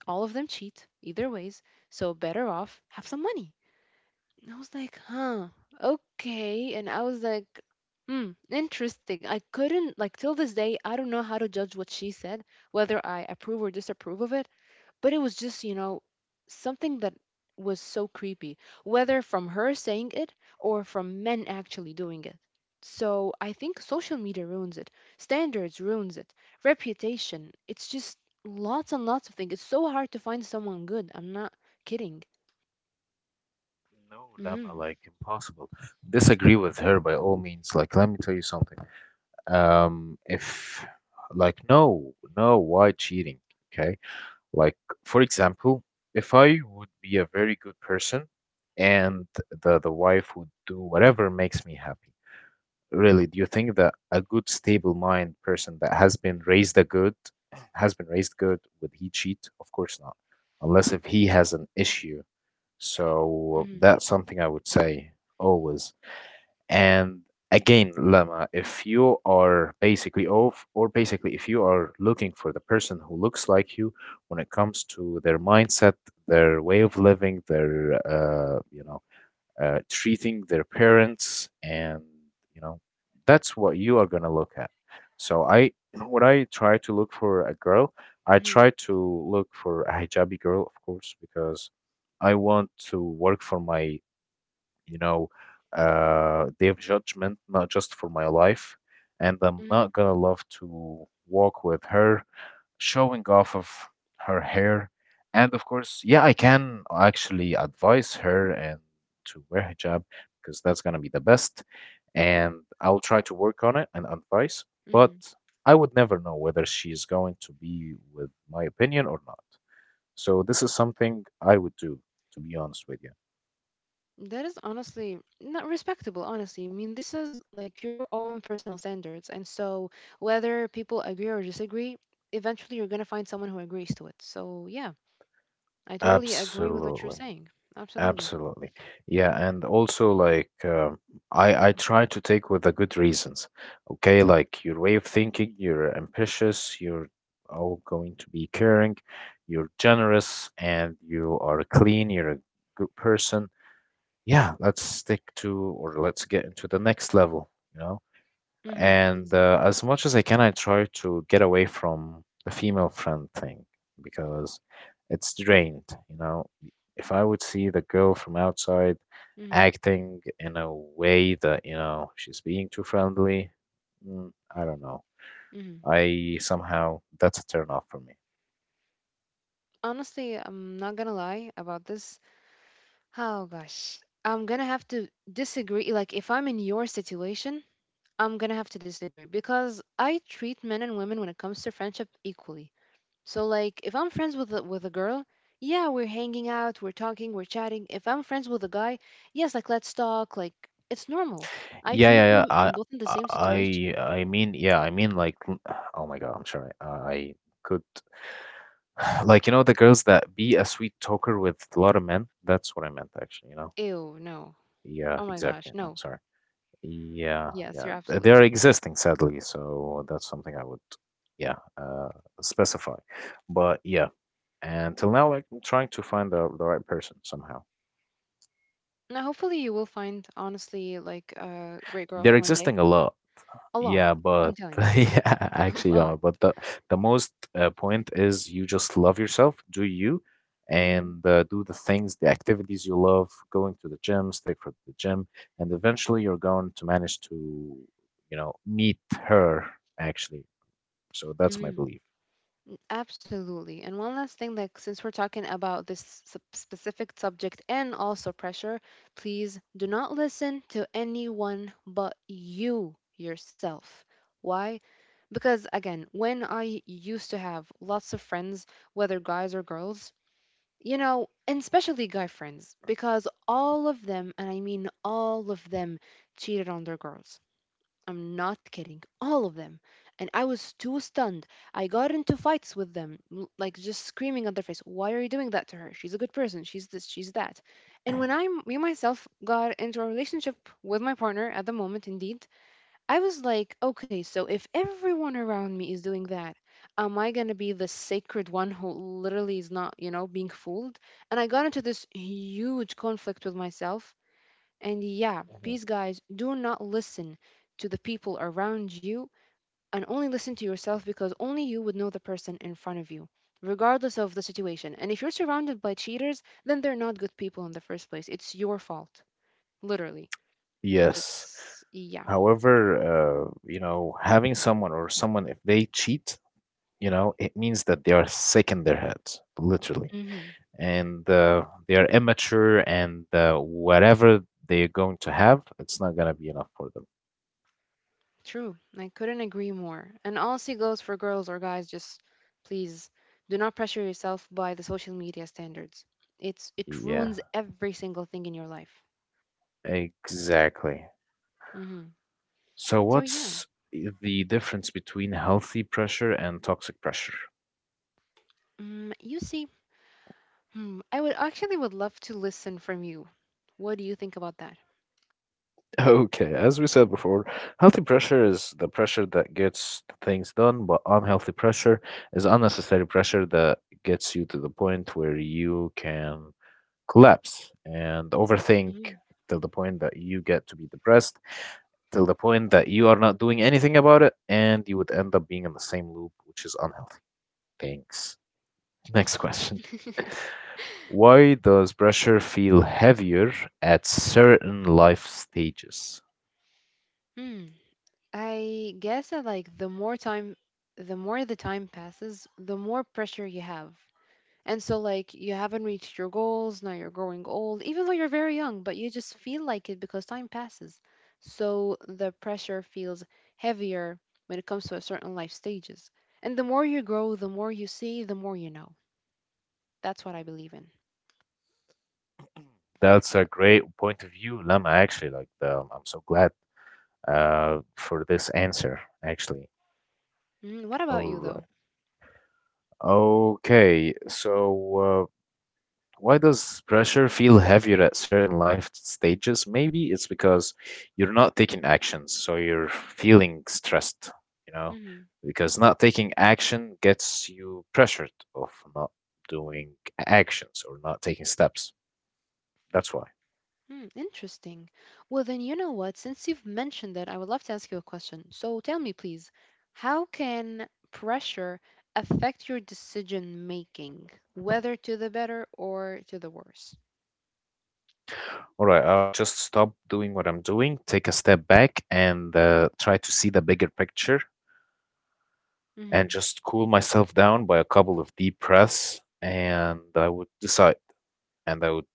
S2: all of them cheat either ways. So, better off have some money. I was like, huh, okay. And I was like, hmm, interesting. I couldn't, like, till this day, I don't know how to judge what she said, whether I approve or disapprove of it. But it was just, you know, something that was so creepy, whether from her saying it or from men actually doing it. So I think social media ruins it, standards ruins it, reputation. It's just lots and lots of things. It's so hard to find someone good. I'm not kidding.
S1: No, Lama,
S2: Mm-hmm.
S1: like impossible. Disagree with her by all means. Like, let me tell you something. If, like, no, no, why cheating? Okay. Like, for example, if I would be a very good person and the wife would do whatever makes me happy, really, do you think that a good stable mind person that has been raised a good has been raised good would he cheat? Of course not, unless if he has an issue. So
S2: Mm-hmm.
S1: that's something I would say always. And again, Lama, if you are basically off or basically if you are looking for the person who looks like you when it comes to their mindset, their way of living, their you know, treating their parents and, you know, that's what you are going to look at. So I, when I try to look for a girl, I
S2: Mm-hmm.
S1: try to look for a hijabi girl of course, because I want to work for my, you know, day of judgment, not just for my life. And I'm
S2: Mm-hmm.
S1: not going to love to walk with her showing off of her hair. And of course, yeah, I can actually advise her and to wear hijab because that's gonna be the best. And I'll try to work on it and advise, but
S2: Mhm.
S1: I would never know whether she's going to be with my opinion or not. So this is something I would do, to be honest with you.
S2: That is honestly not respectable, honestly. I mean, this is like your own personal standards. And so, whether people agree or disagree, eventually you're going to find someone who agrees to it. So, yeah, I totally agree with what you're
S1: Absolutely.
S2: saying. Absolutely.
S1: Absolutely. Yeah, and also like I try to take with the good reasons. Okay, like your way of thinking, you're ambitious, you're all going to be caring, you're generous, and you are clean, you're a good person. Yeah, let's stick to or let's get into the next level, you know?
S2: Hmm.
S1: And
S2: Exactly.
S1: as much as I can, I try to get away from the female friend thing because it's drained, you know? If I would see the girl from outside
S2: Hmm.
S1: acting in a way that, she's being too friendly, I don't know.
S2: Hmm.
S1: I somehow, that's a turn off for me.
S2: Honestly, I'm not going to lie about this. Oh, gosh. I'm going to have to disagree. Like, if I'm in your situation, I'm going to have to disagree because I treat men and women when it comes to friendship equally. So like if I'm friends with with a girl, yeah, we're hanging out, we're talking, we're chatting. If I'm friends with a guy, yes, like let's talk, like it's normal. I
S1: Yeah, yeah,
S2: treat
S1: yeah.
S2: them
S1: I,
S2: in both in the same
S1: I,
S2: situation.
S1: I mean, yeah, I mean, like, oh my God, I'm sorry. I could Like, you know, the girls that be a sweet talker with a lot of men. That's what I meant, actually, you know?
S2: Ew, no.
S1: Yeah,
S2: Oh my
S1: exactly.
S2: gosh,
S1: I'm
S2: no.
S1: sorry. Yeah,
S2: Yes,
S1: yeah.
S2: you're
S1: They
S2: absolutely
S1: are
S2: right.
S1: existing, sadly. So that's something I would, yeah, specify. But yeah, and till now, like, I'm trying to find the right person somehow.
S2: Now hopefully you will find honestly like a great
S1: They're
S2: girl one
S1: existing
S2: day.
S1: a lot.
S2: A lot.
S1: Yeah, but
S2: I'm
S1: (laughs)
S2: telling you.
S1: yeah,
S2: (laughs)
S1: actually,
S2: A
S1: yeah,
S2: lot.
S1: but the most point is you just love yourself, do you,
S2: Mhm.
S1: and do the things, the activities you love, going to the gym, stick for the gym, and eventually you're going to manage to, meet her actually. So that's my
S2: Mhm.
S1: belief.
S2: Absolutely. And one last thing, like since we're talking about this specific subject and also pressure, please do not listen to anyone but you yourself. Why? Because again, when I used to have lots of friends, whether guys or girls, you know, and especially guy friends, because all of them, and I mean all of them, cheated on their girls. I'm not kidding. All of them. And I was too stunned. I got into fights with them, like just screaming at their face, "Why are you doing that to her? She's a good person. She's this, she's that." And when I me myself got into a relationship with my partner at the moment, indeed, I was like, "Okay, so if everyone around me is doing that, am I going to be the sacred one who literally is not, you know, being fooled?" And I got into this huge conflict with myself and yeah,
S1: Mhm.
S2: please, guys, do not listen to the people around you and only listen to yourself because only you would know the person in front of you, regardless of the situation. And if you're surrounded by cheaters, then they're not good people in the first place. It's your fault, literally.
S1: Yes.
S2: Just, yeah.
S1: However, having someone, if they cheat, it means that they are sick in their heads, literally.
S2: Hmm.
S1: And they are immature and whatever they're going to have, it's not going to be enough for them.
S2: True. I couldn't agree more. And honestly, goes for girls or guys, just please do not pressure yourself by the social media standards. It's it
S1: Yeah,
S2: ruins every single thing in your life.
S1: exactly.
S2: Hmm.
S1: So,
S2: So yeah.
S1: what's the difference between healthy pressure and toxic pressure? (laughs)
S2: Mm, you see, hmm, I would actually would love to listen from you. What do you think about that?
S1: Okay, as we said before, healthy pressure is the pressure that gets things done, but unhealthy pressure is unnecessary pressure that gets you to the point where you can collapse and overthink
S2: Mhm.
S1: till the point that you get to be depressed, till the point that you are not doing anything about it, and you would end up being in the same loop, which is unhealthy. Thanks. Next question. (laughs)
S2: (laughs)
S1: Why does pressure feel heavier at certain life stages?
S2: Hmm. I guess that like the more time, the more the time passes, the more pressure you have. And so like you haven't reached your goals, now you're growing old, even though you're very young, but you just feel like it because time passes. So the pressure feels heavier when it comes to a certain life stages. And the more you grow, the more you see, the more you know. That's what I believe in.
S1: That's a great point of view, Lama. Actually, like I'm so glad for this answer. Actually,
S2: Mm, what
S1: all
S2: about you,
S1: right.
S2: though?
S1: Okay, so why does pressure feel heavier at certain life stages? Maybe it's because you're not taking actions, so you're feeling stressed, you know,
S2: Hmm.
S1: because not taking action gets you pressured of not doing actions or not taking steps. That's why.
S2: Mm, interesting. Well, then, you know what? Since you've mentioned it, I would love to ask you a question. So tell me, please, how can pressure affect your decision making, whether to the better or to the worse?
S1: All right, I will just stop doing what I'm doing, take a step back, and try to see the bigger picture and
S2: Hmm.
S1: just cool myself down by a couple of deep breaths. And I would decide, and I would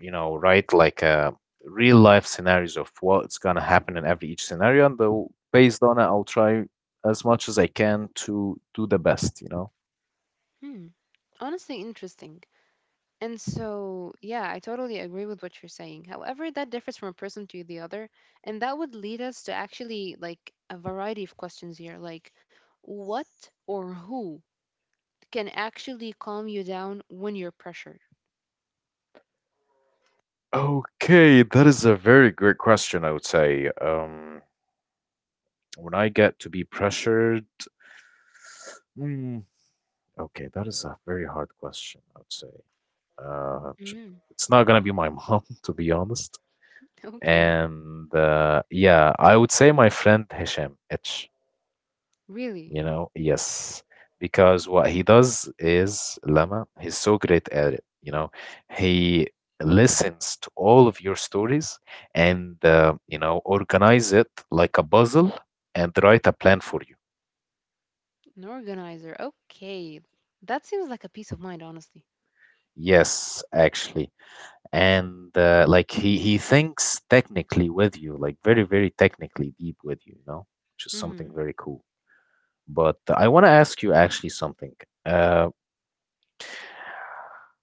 S1: write like a real life scenarios of what's gonna happen in every each scenario, and though based on it, I'll try as much as I can to do the best. You know.
S2: Hmm. Honestly, interesting. And so, yeah, I totally agree with what you're saying. However, that differs from a person to the other, and that would lead us to actually like a variety of questions here, like what or who can actually calm you down when you're pressured.
S1: Okay, that is a very great question. I would say when I get to be pressured. hmm, Okay, that is a very hard question, I would say. Uh, sh-
S2: Mm,
S1: it's not gonna be my mom, (laughs) to be honest.
S2: (laughs) okay.
S1: And yeah, I would say my friend Hisham H,
S2: Really?
S1: yes, because what he does is Lama, he's so great at it. He listens to all of your stories and organize it like a puzzle and write a plan for you.
S2: An organizer. Okay. That seems like a peace of mind, honestly.
S1: Yes, actually. And like he thinks technically with you, like very very technically deep with you, you know which is something
S2: Mm,
S1: very cool. But I want to ask you actually something uh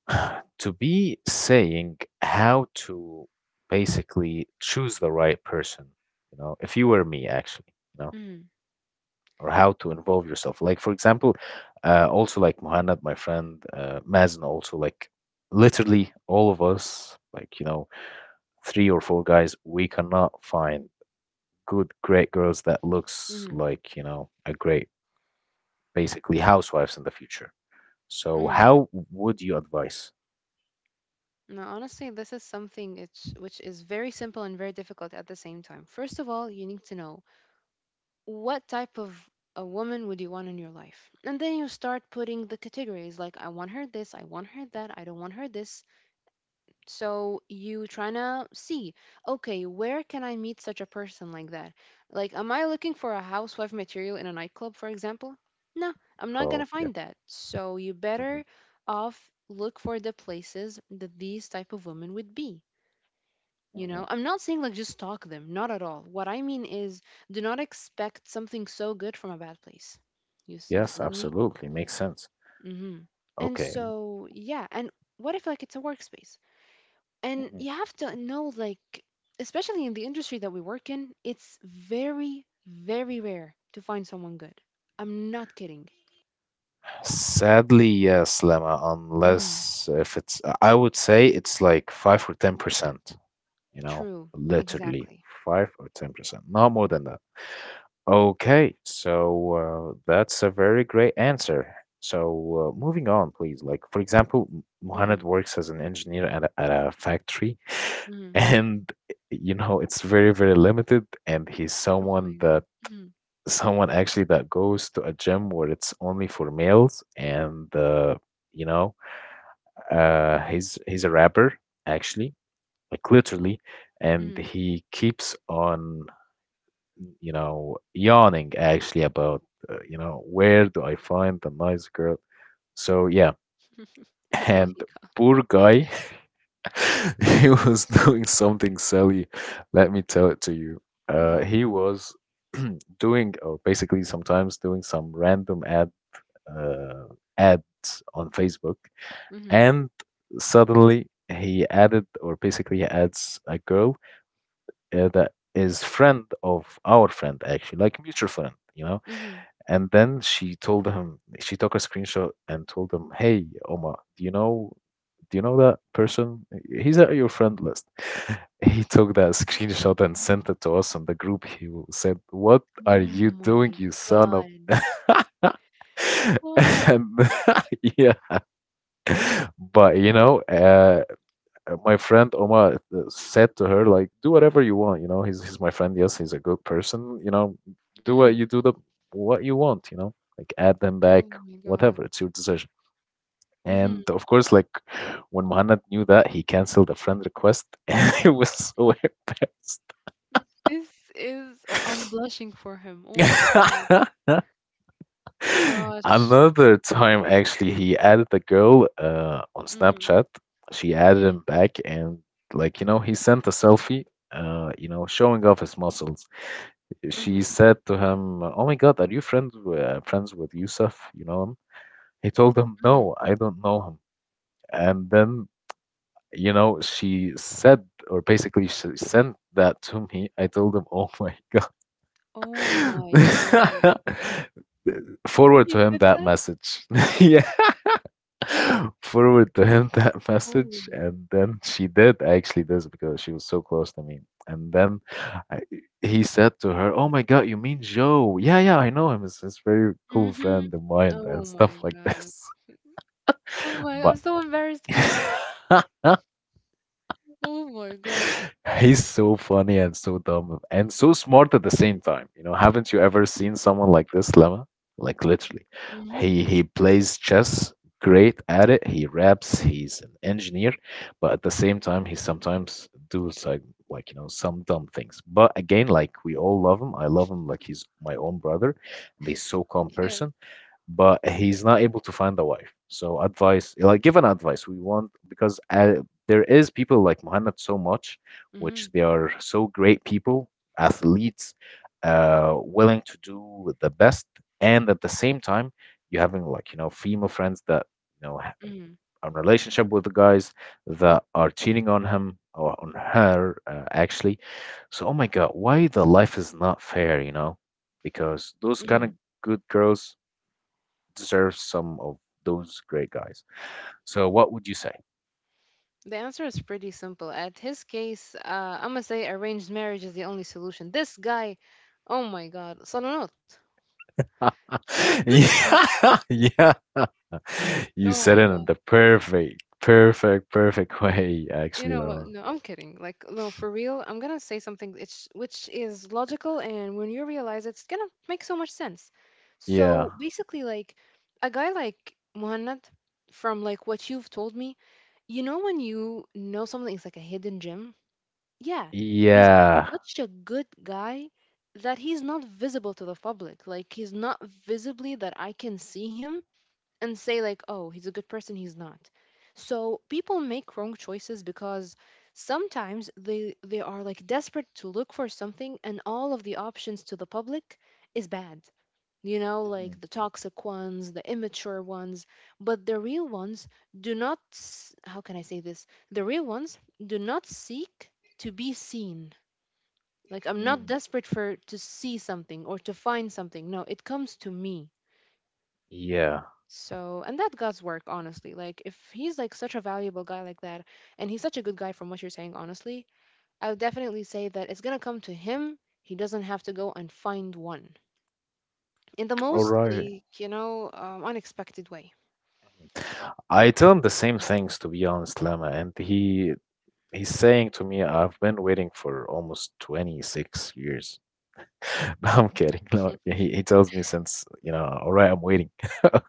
S1: (sighs) to be saying how to basically choose the right person, if you were me, actually,
S2: mm,
S1: or how to involve yourself, like for example, also like Muhammad, my friend, Mazen also, like literally all of us, like, three or four guys, we cannot find good, great girls that looks
S2: mm,
S1: like, a great, basically housewives in the future. So
S2: mm.
S1: how would you advise?
S2: No, honestly, this is something which is very simple and very difficult at the same time. First of all, you need to know what type of a woman would you want in your life? And then you start putting the categories like, I want her this, I want her that, I don't want her this. So you trying to see, okay, where can I meet such a person like that? Like, am I looking for a housewife material in a nightclub, for example? No, I'm not gonna
S1: Oh, yeah.
S2: find that. So you
S1: Mhm,
S2: better off look for the places that these type of women would be. You
S1: mhm.
S2: know, I'm not saying like just stalk them, not at all. What I mean is, do not expect something so good from a bad place. You see, you
S1: Yes,
S2: feeling me?
S1: absolutely. Makes sense.
S2: Mm-hmm. And
S1: Okay.
S2: so, yeah, and what if like it's a workspace, and
S1: Mhm.
S2: you have to know, like, especially in the industry that we work in, it's very, very rare to find someone good. I'm not kidding.
S1: Sadly, yes, Lemma,
S2: Hmm.
S1: unless if it's, I would say it's like 5 or 10%,
S2: True.
S1: literally
S2: Exactly.
S1: 5 or 10%, not more than that. Okay, so that's a very great answer. So moving on, please. Like for example, Muhammad
S2: Hmm.
S1: works as an engineer at a factory, (laughs)
S2: Hmm.
S1: and it's very very limited. And he's
S2: Oh my
S1: someone
S2: god.
S1: that
S2: Hmm.
S1: (laughs) someone actually that goes to a gym where it's only for males, and you know he's a rapper actually, like literally, and
S2: Hmm.
S1: he keeps on, yawning actually about, where do I find the nice girl? So yeah,
S2: (laughs) Oh my
S1: and
S2: god.
S1: poor guy, (laughs) he was doing something silly. Let me tell it to you.
S2: Hmm.
S1: He was (clears throat) doing, or basically sometimes doing some random uh, ads on Facebook,
S2: Hmm.
S1: and suddenly he added, or basically he adds a girl that is friend of our friend actually, like mutual friend,
S2: Hmm.
S1: and then she told him, she took a screenshot and told him, "Hey, Omar, do you know that person? He's at your friend list." (laughs) He took that screenshot and sent it to us on the group. He said, "What are
S2: Oh
S1: you doing,
S2: my
S1: you son of?"
S2: god.
S1: (laughs)
S2: Holy.
S1: And (laughs) yeah, but my friend Omar said to her, like, do whatever you want. You know, he's my friend. Yes, he's a good person. You know, do
S2: Hmm.
S1: what you do the what you want. You know, like add them back,
S2: Oh my god.
S1: whatever. It's your decision.
S2: Hmm.
S1: And of course, like when Muhammad knew that, he canceled a friend request, (laughs) and he was so (laughs)
S2: This is. Oh, I'm blushing for him. Oh my
S1: embarrassed.
S2: god.
S1: (laughs) (laughs)
S2: Gosh.
S1: Another time, actually, he added a girl on
S2: Hmm.
S1: Snapchat. She added him back, and like he sent a selfie, showing off his muscles. She
S2: Hmm.
S1: said to him, "Oh my God, are you friends with Yusuf? You know him?" He told him,
S2: Hmm.
S1: "No, I don't know him." And then she said, or basically, she sent that to me. I told him, "Oh my God."
S2: Oh my god.
S1: (laughs) Forward
S2: He
S1: to him
S2: did
S1: that
S2: that?
S1: message. (laughs) Yeah. (laughs) Forward to him (laughs) that message,
S2: Holy.
S1: and then she did actually this because she was so close to me. And then I, he said to her, "Oh my God, you mean Joe? Yeah, yeah, I know him. It's his very cool
S2: Mm-hmm.
S1: friend of mine." (laughs)
S2: Oh
S1: And
S2: my
S1: stuff like
S2: god.
S1: this.
S2: Oh
S1: (laughs)
S2: my, I'm
S1: But
S2: so embarrassed for him.
S1: (laughs)
S2: Oh my God.
S1: (laughs) he's so funny and so dumb and so smart at the same time. You know, haven't you ever seen someone like this, Lemma? Like literally,
S2: Mm-hmm.
S1: he plays chess, great at it. He raps. He's an engineer, but at the same time, he sometimes does like some dumb things. But again, like we all love him. I love him like he's my own brother. And he's so calm
S2: Yes.
S1: person, but he's not able to find a wife. So advice, like give an advice. We want, because there is people like Muhammad so much, which
S2: Mm-hmm.
S1: they are so great people, athletes, willing to do the best, and at the same time, you having like, female friends that you know ha-
S2: Mm-hmm.
S1: a relationship with the guys that are cheating on him or on her, actually. So oh my God, why the life is not fair? Because those kind
S2: Mm-hmm.
S1: of good girls deserves some of those great guys. So what would you say?
S2: The answer is pretty simple. At his case, I'm gonna say arranged marriage is the only solution. This guy, oh my god, صالونات.
S1: (laughs)
S2: This is,
S1: Yeah, (laughs) yeah. You
S2: oh
S1: said
S2: my
S1: it in
S2: God.
S1: the perfect, perfect, perfect way,
S2: You
S1: actually,
S2: know what?
S1: Lama.
S2: No, I'm kidding. Like, no, for real, I'm gonna say something it's, which is logical, and when you realize it's gonna make so much sense.
S1: Yeah,
S2: So basically, like, a guy like Muhammad, from like what you've told me, you know, when you know something is like a hidden gem, yeah, he's
S1: yeah,
S2: such a good guy that he's not visible to the public. Like, he's not visibly that I can see him, and say like, oh, he's a good person, he's not. So people make wrong choices because sometimes they are like desperate to look for something, and all of the options to the public is bad, you know,
S1: mhm,
S2: like the toxic ones, the immature ones. But the real ones do not s- how can I say this? The real ones do not seek to be seen. Like, I'm not
S1: mhm,
S2: desperate for to see something or to find something. No, it comes to me.
S1: yeah.
S2: So, and that God's work, honestly. Like, if he's like such a valuable guy like that, and he's such a good guy from what you're saying, honestly, I would definitely say that it's gonna come to him. He doesn't have to go and find one in the
S1: All
S2: most,
S1: right.
S2: like, you know, unexpected way.
S1: I tell him the same things, to be honest, Lama, and he's saying to me, I've been waiting for almost 26 years. (laughs) No, I'm kidding. No, yeah, he tells me since, you know, all right, I'm waiting (laughs)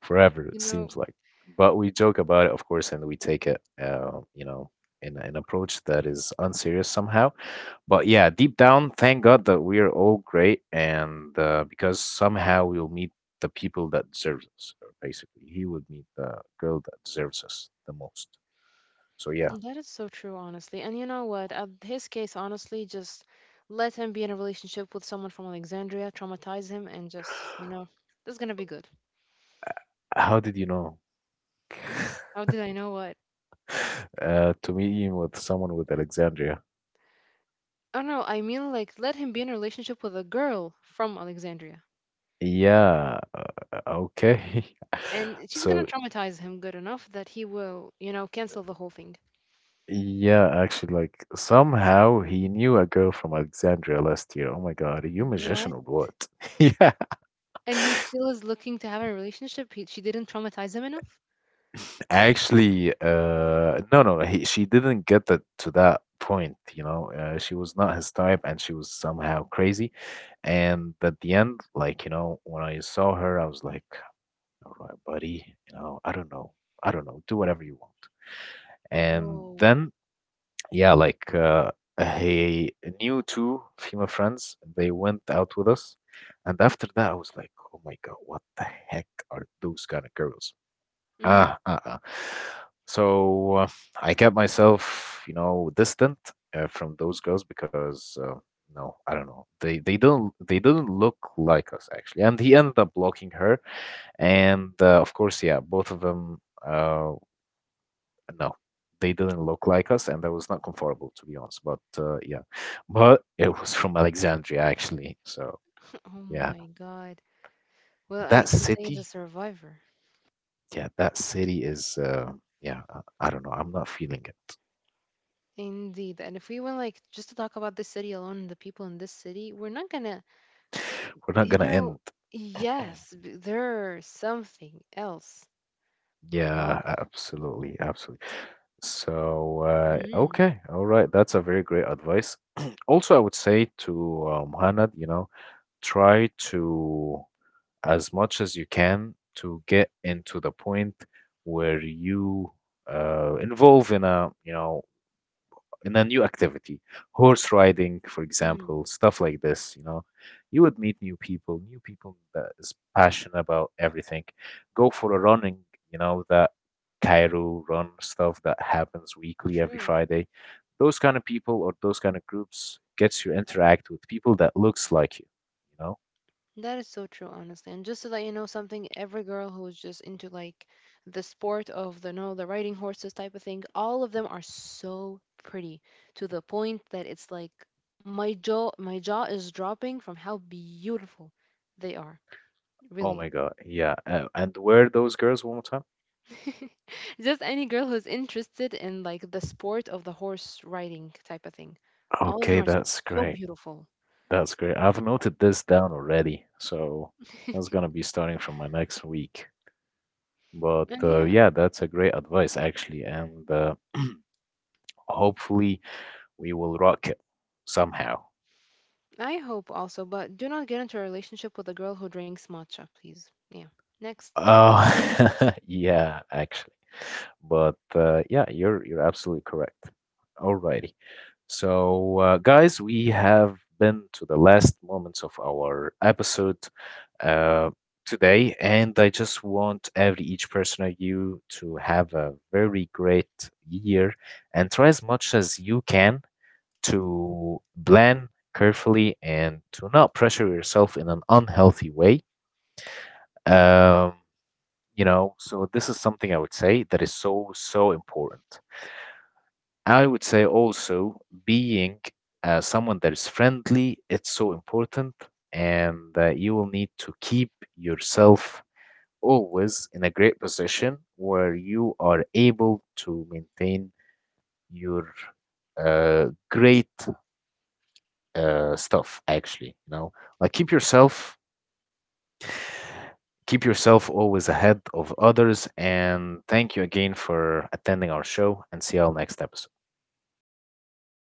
S1: forever, it
S2: You know,
S1: seems like. But we joke about it, of course, and we take it, in an approach that is unserious somehow. But yeah, deep down, thank God that we are all great, and because somehow we'll meet the people that deserves us. Basically, he would meet the girl that deserves us the most. So yeah,
S2: that is so true, honestly. And you know what? His case, honestly, just let him be in a relationship with someone from Alexandria, traumatize him, and just, you know, that's gonna be good.
S1: how did you know? (sighs)
S2: How did I know what?
S1: (laughs) To meet him with someone with Alexandria.
S2: Oh no, I mean like let him be in a relationship with a girl from Alexandria.
S1: Yeah, uh, okay.
S2: And
S1: (laughs)
S2: she's gonna
S1: So,
S2: traumatize him good enough that he will, you know, cancel the whole thing.
S1: yeah, actually, like somehow he knew a girl from Alexandria last year. Oh my God, are you magician
S2: What?
S1: or what? (laughs) Yeah,
S2: And he still is looking to have a relationship. He, she didn't traumatize him enough.
S1: actually, no, no, she didn't get that to that point. She was not his type and she was somehow crazy. And at the end, like, when I saw her, I was like, all right, buddy, I don't know. I don't know. Do whatever you want. And
S2: Whoa.
S1: then Yeah, like he knew two female friends. They went out with us, and after that, I was like, "Oh my God, what the heck are those kind of girls?"
S2: Hmm.
S1: Ah, ah, ah. So I kept myself, distant from those girls, because no, I don't know. They didn't look like us actually. And he ended up blocking her, and of course, yeah, both of them. Um, no, they didn't look like us, and that was not comfortable, to be honest, but yeah, but it was from Alexandria actually, so...
S2: (laughs) Oh
S1: yeah
S2: my God. Well, I
S1: that
S2: can say he's a
S1: city
S2: survivor.
S1: yeah, that city is yeah, I don't know, I'm not feeling it.
S2: Indeed. And if we went like just to talk about this city alone, the people in this city, we're not gonna,
S1: We're not
S2: you
S1: gonna
S2: know,
S1: end.
S2: yes, there's something else. My
S1: Yeah,
S2: gosh.
S1: absolutely, absolutely. So
S2: Mm-hmm.
S1: okay, all right, that's a very great advice. (clears throat) Also, I would say to Hannah, you know, try to as much as you can to get into the point where you, involve in a, new activity, horse riding for
S2: Hmm.
S1: example, stuff like this. You would meet new people that is passionate about everything. Go for a running, that Cairo Run stuff that happens weekly every
S2: True.
S1: Friday. Those kind of people or those kind of groups gets you interact with people that looks like you know
S2: That is so true, honestly. And just to let you know something, every girl who's just into like the sport of the, no, the riding horses type of thing, all of them are so pretty, to the point that it's like my jaw is dropping from how beautiful they are.
S1: Oh
S2: Really.
S1: my God. Yeah. And where those girls one more time?
S2: (laughs) Just any girl who's interested in like the sport of the horse riding type of thing. All of them
S1: Okay,
S2: are
S1: that's
S2: so
S1: great.
S2: beautiful.
S1: That's great. I've noted this down already. So that's
S2: (laughs)
S1: gonna be starting from my next week. But
S2: And yeah,
S1: yeah, that's a great advice actually, and (clears throat) hopefully we will rock it somehow.
S2: I hope also, but do not get into a relationship with a girl who drinks matcha, please. Yeah. Next.
S1: Oh, (laughs) yeah, actually. But yeah, you're absolutely correct. Alrighty. So, guys, we have been to the last moments of our episode uh, today, and I just want every each person of you to have a very great year, and try as much as you can to plan carefully and to not pressure yourself in an unhealthy way. Um, so this is something I would say that is so, so important. I would say also being someone that is friendly, it's so important, and you will need to keep yourself always in a great position where you are able to maintain your great stuff, actually. You know, like keep yourself always ahead of others, and thank you again for attending our show, and see you all next episode.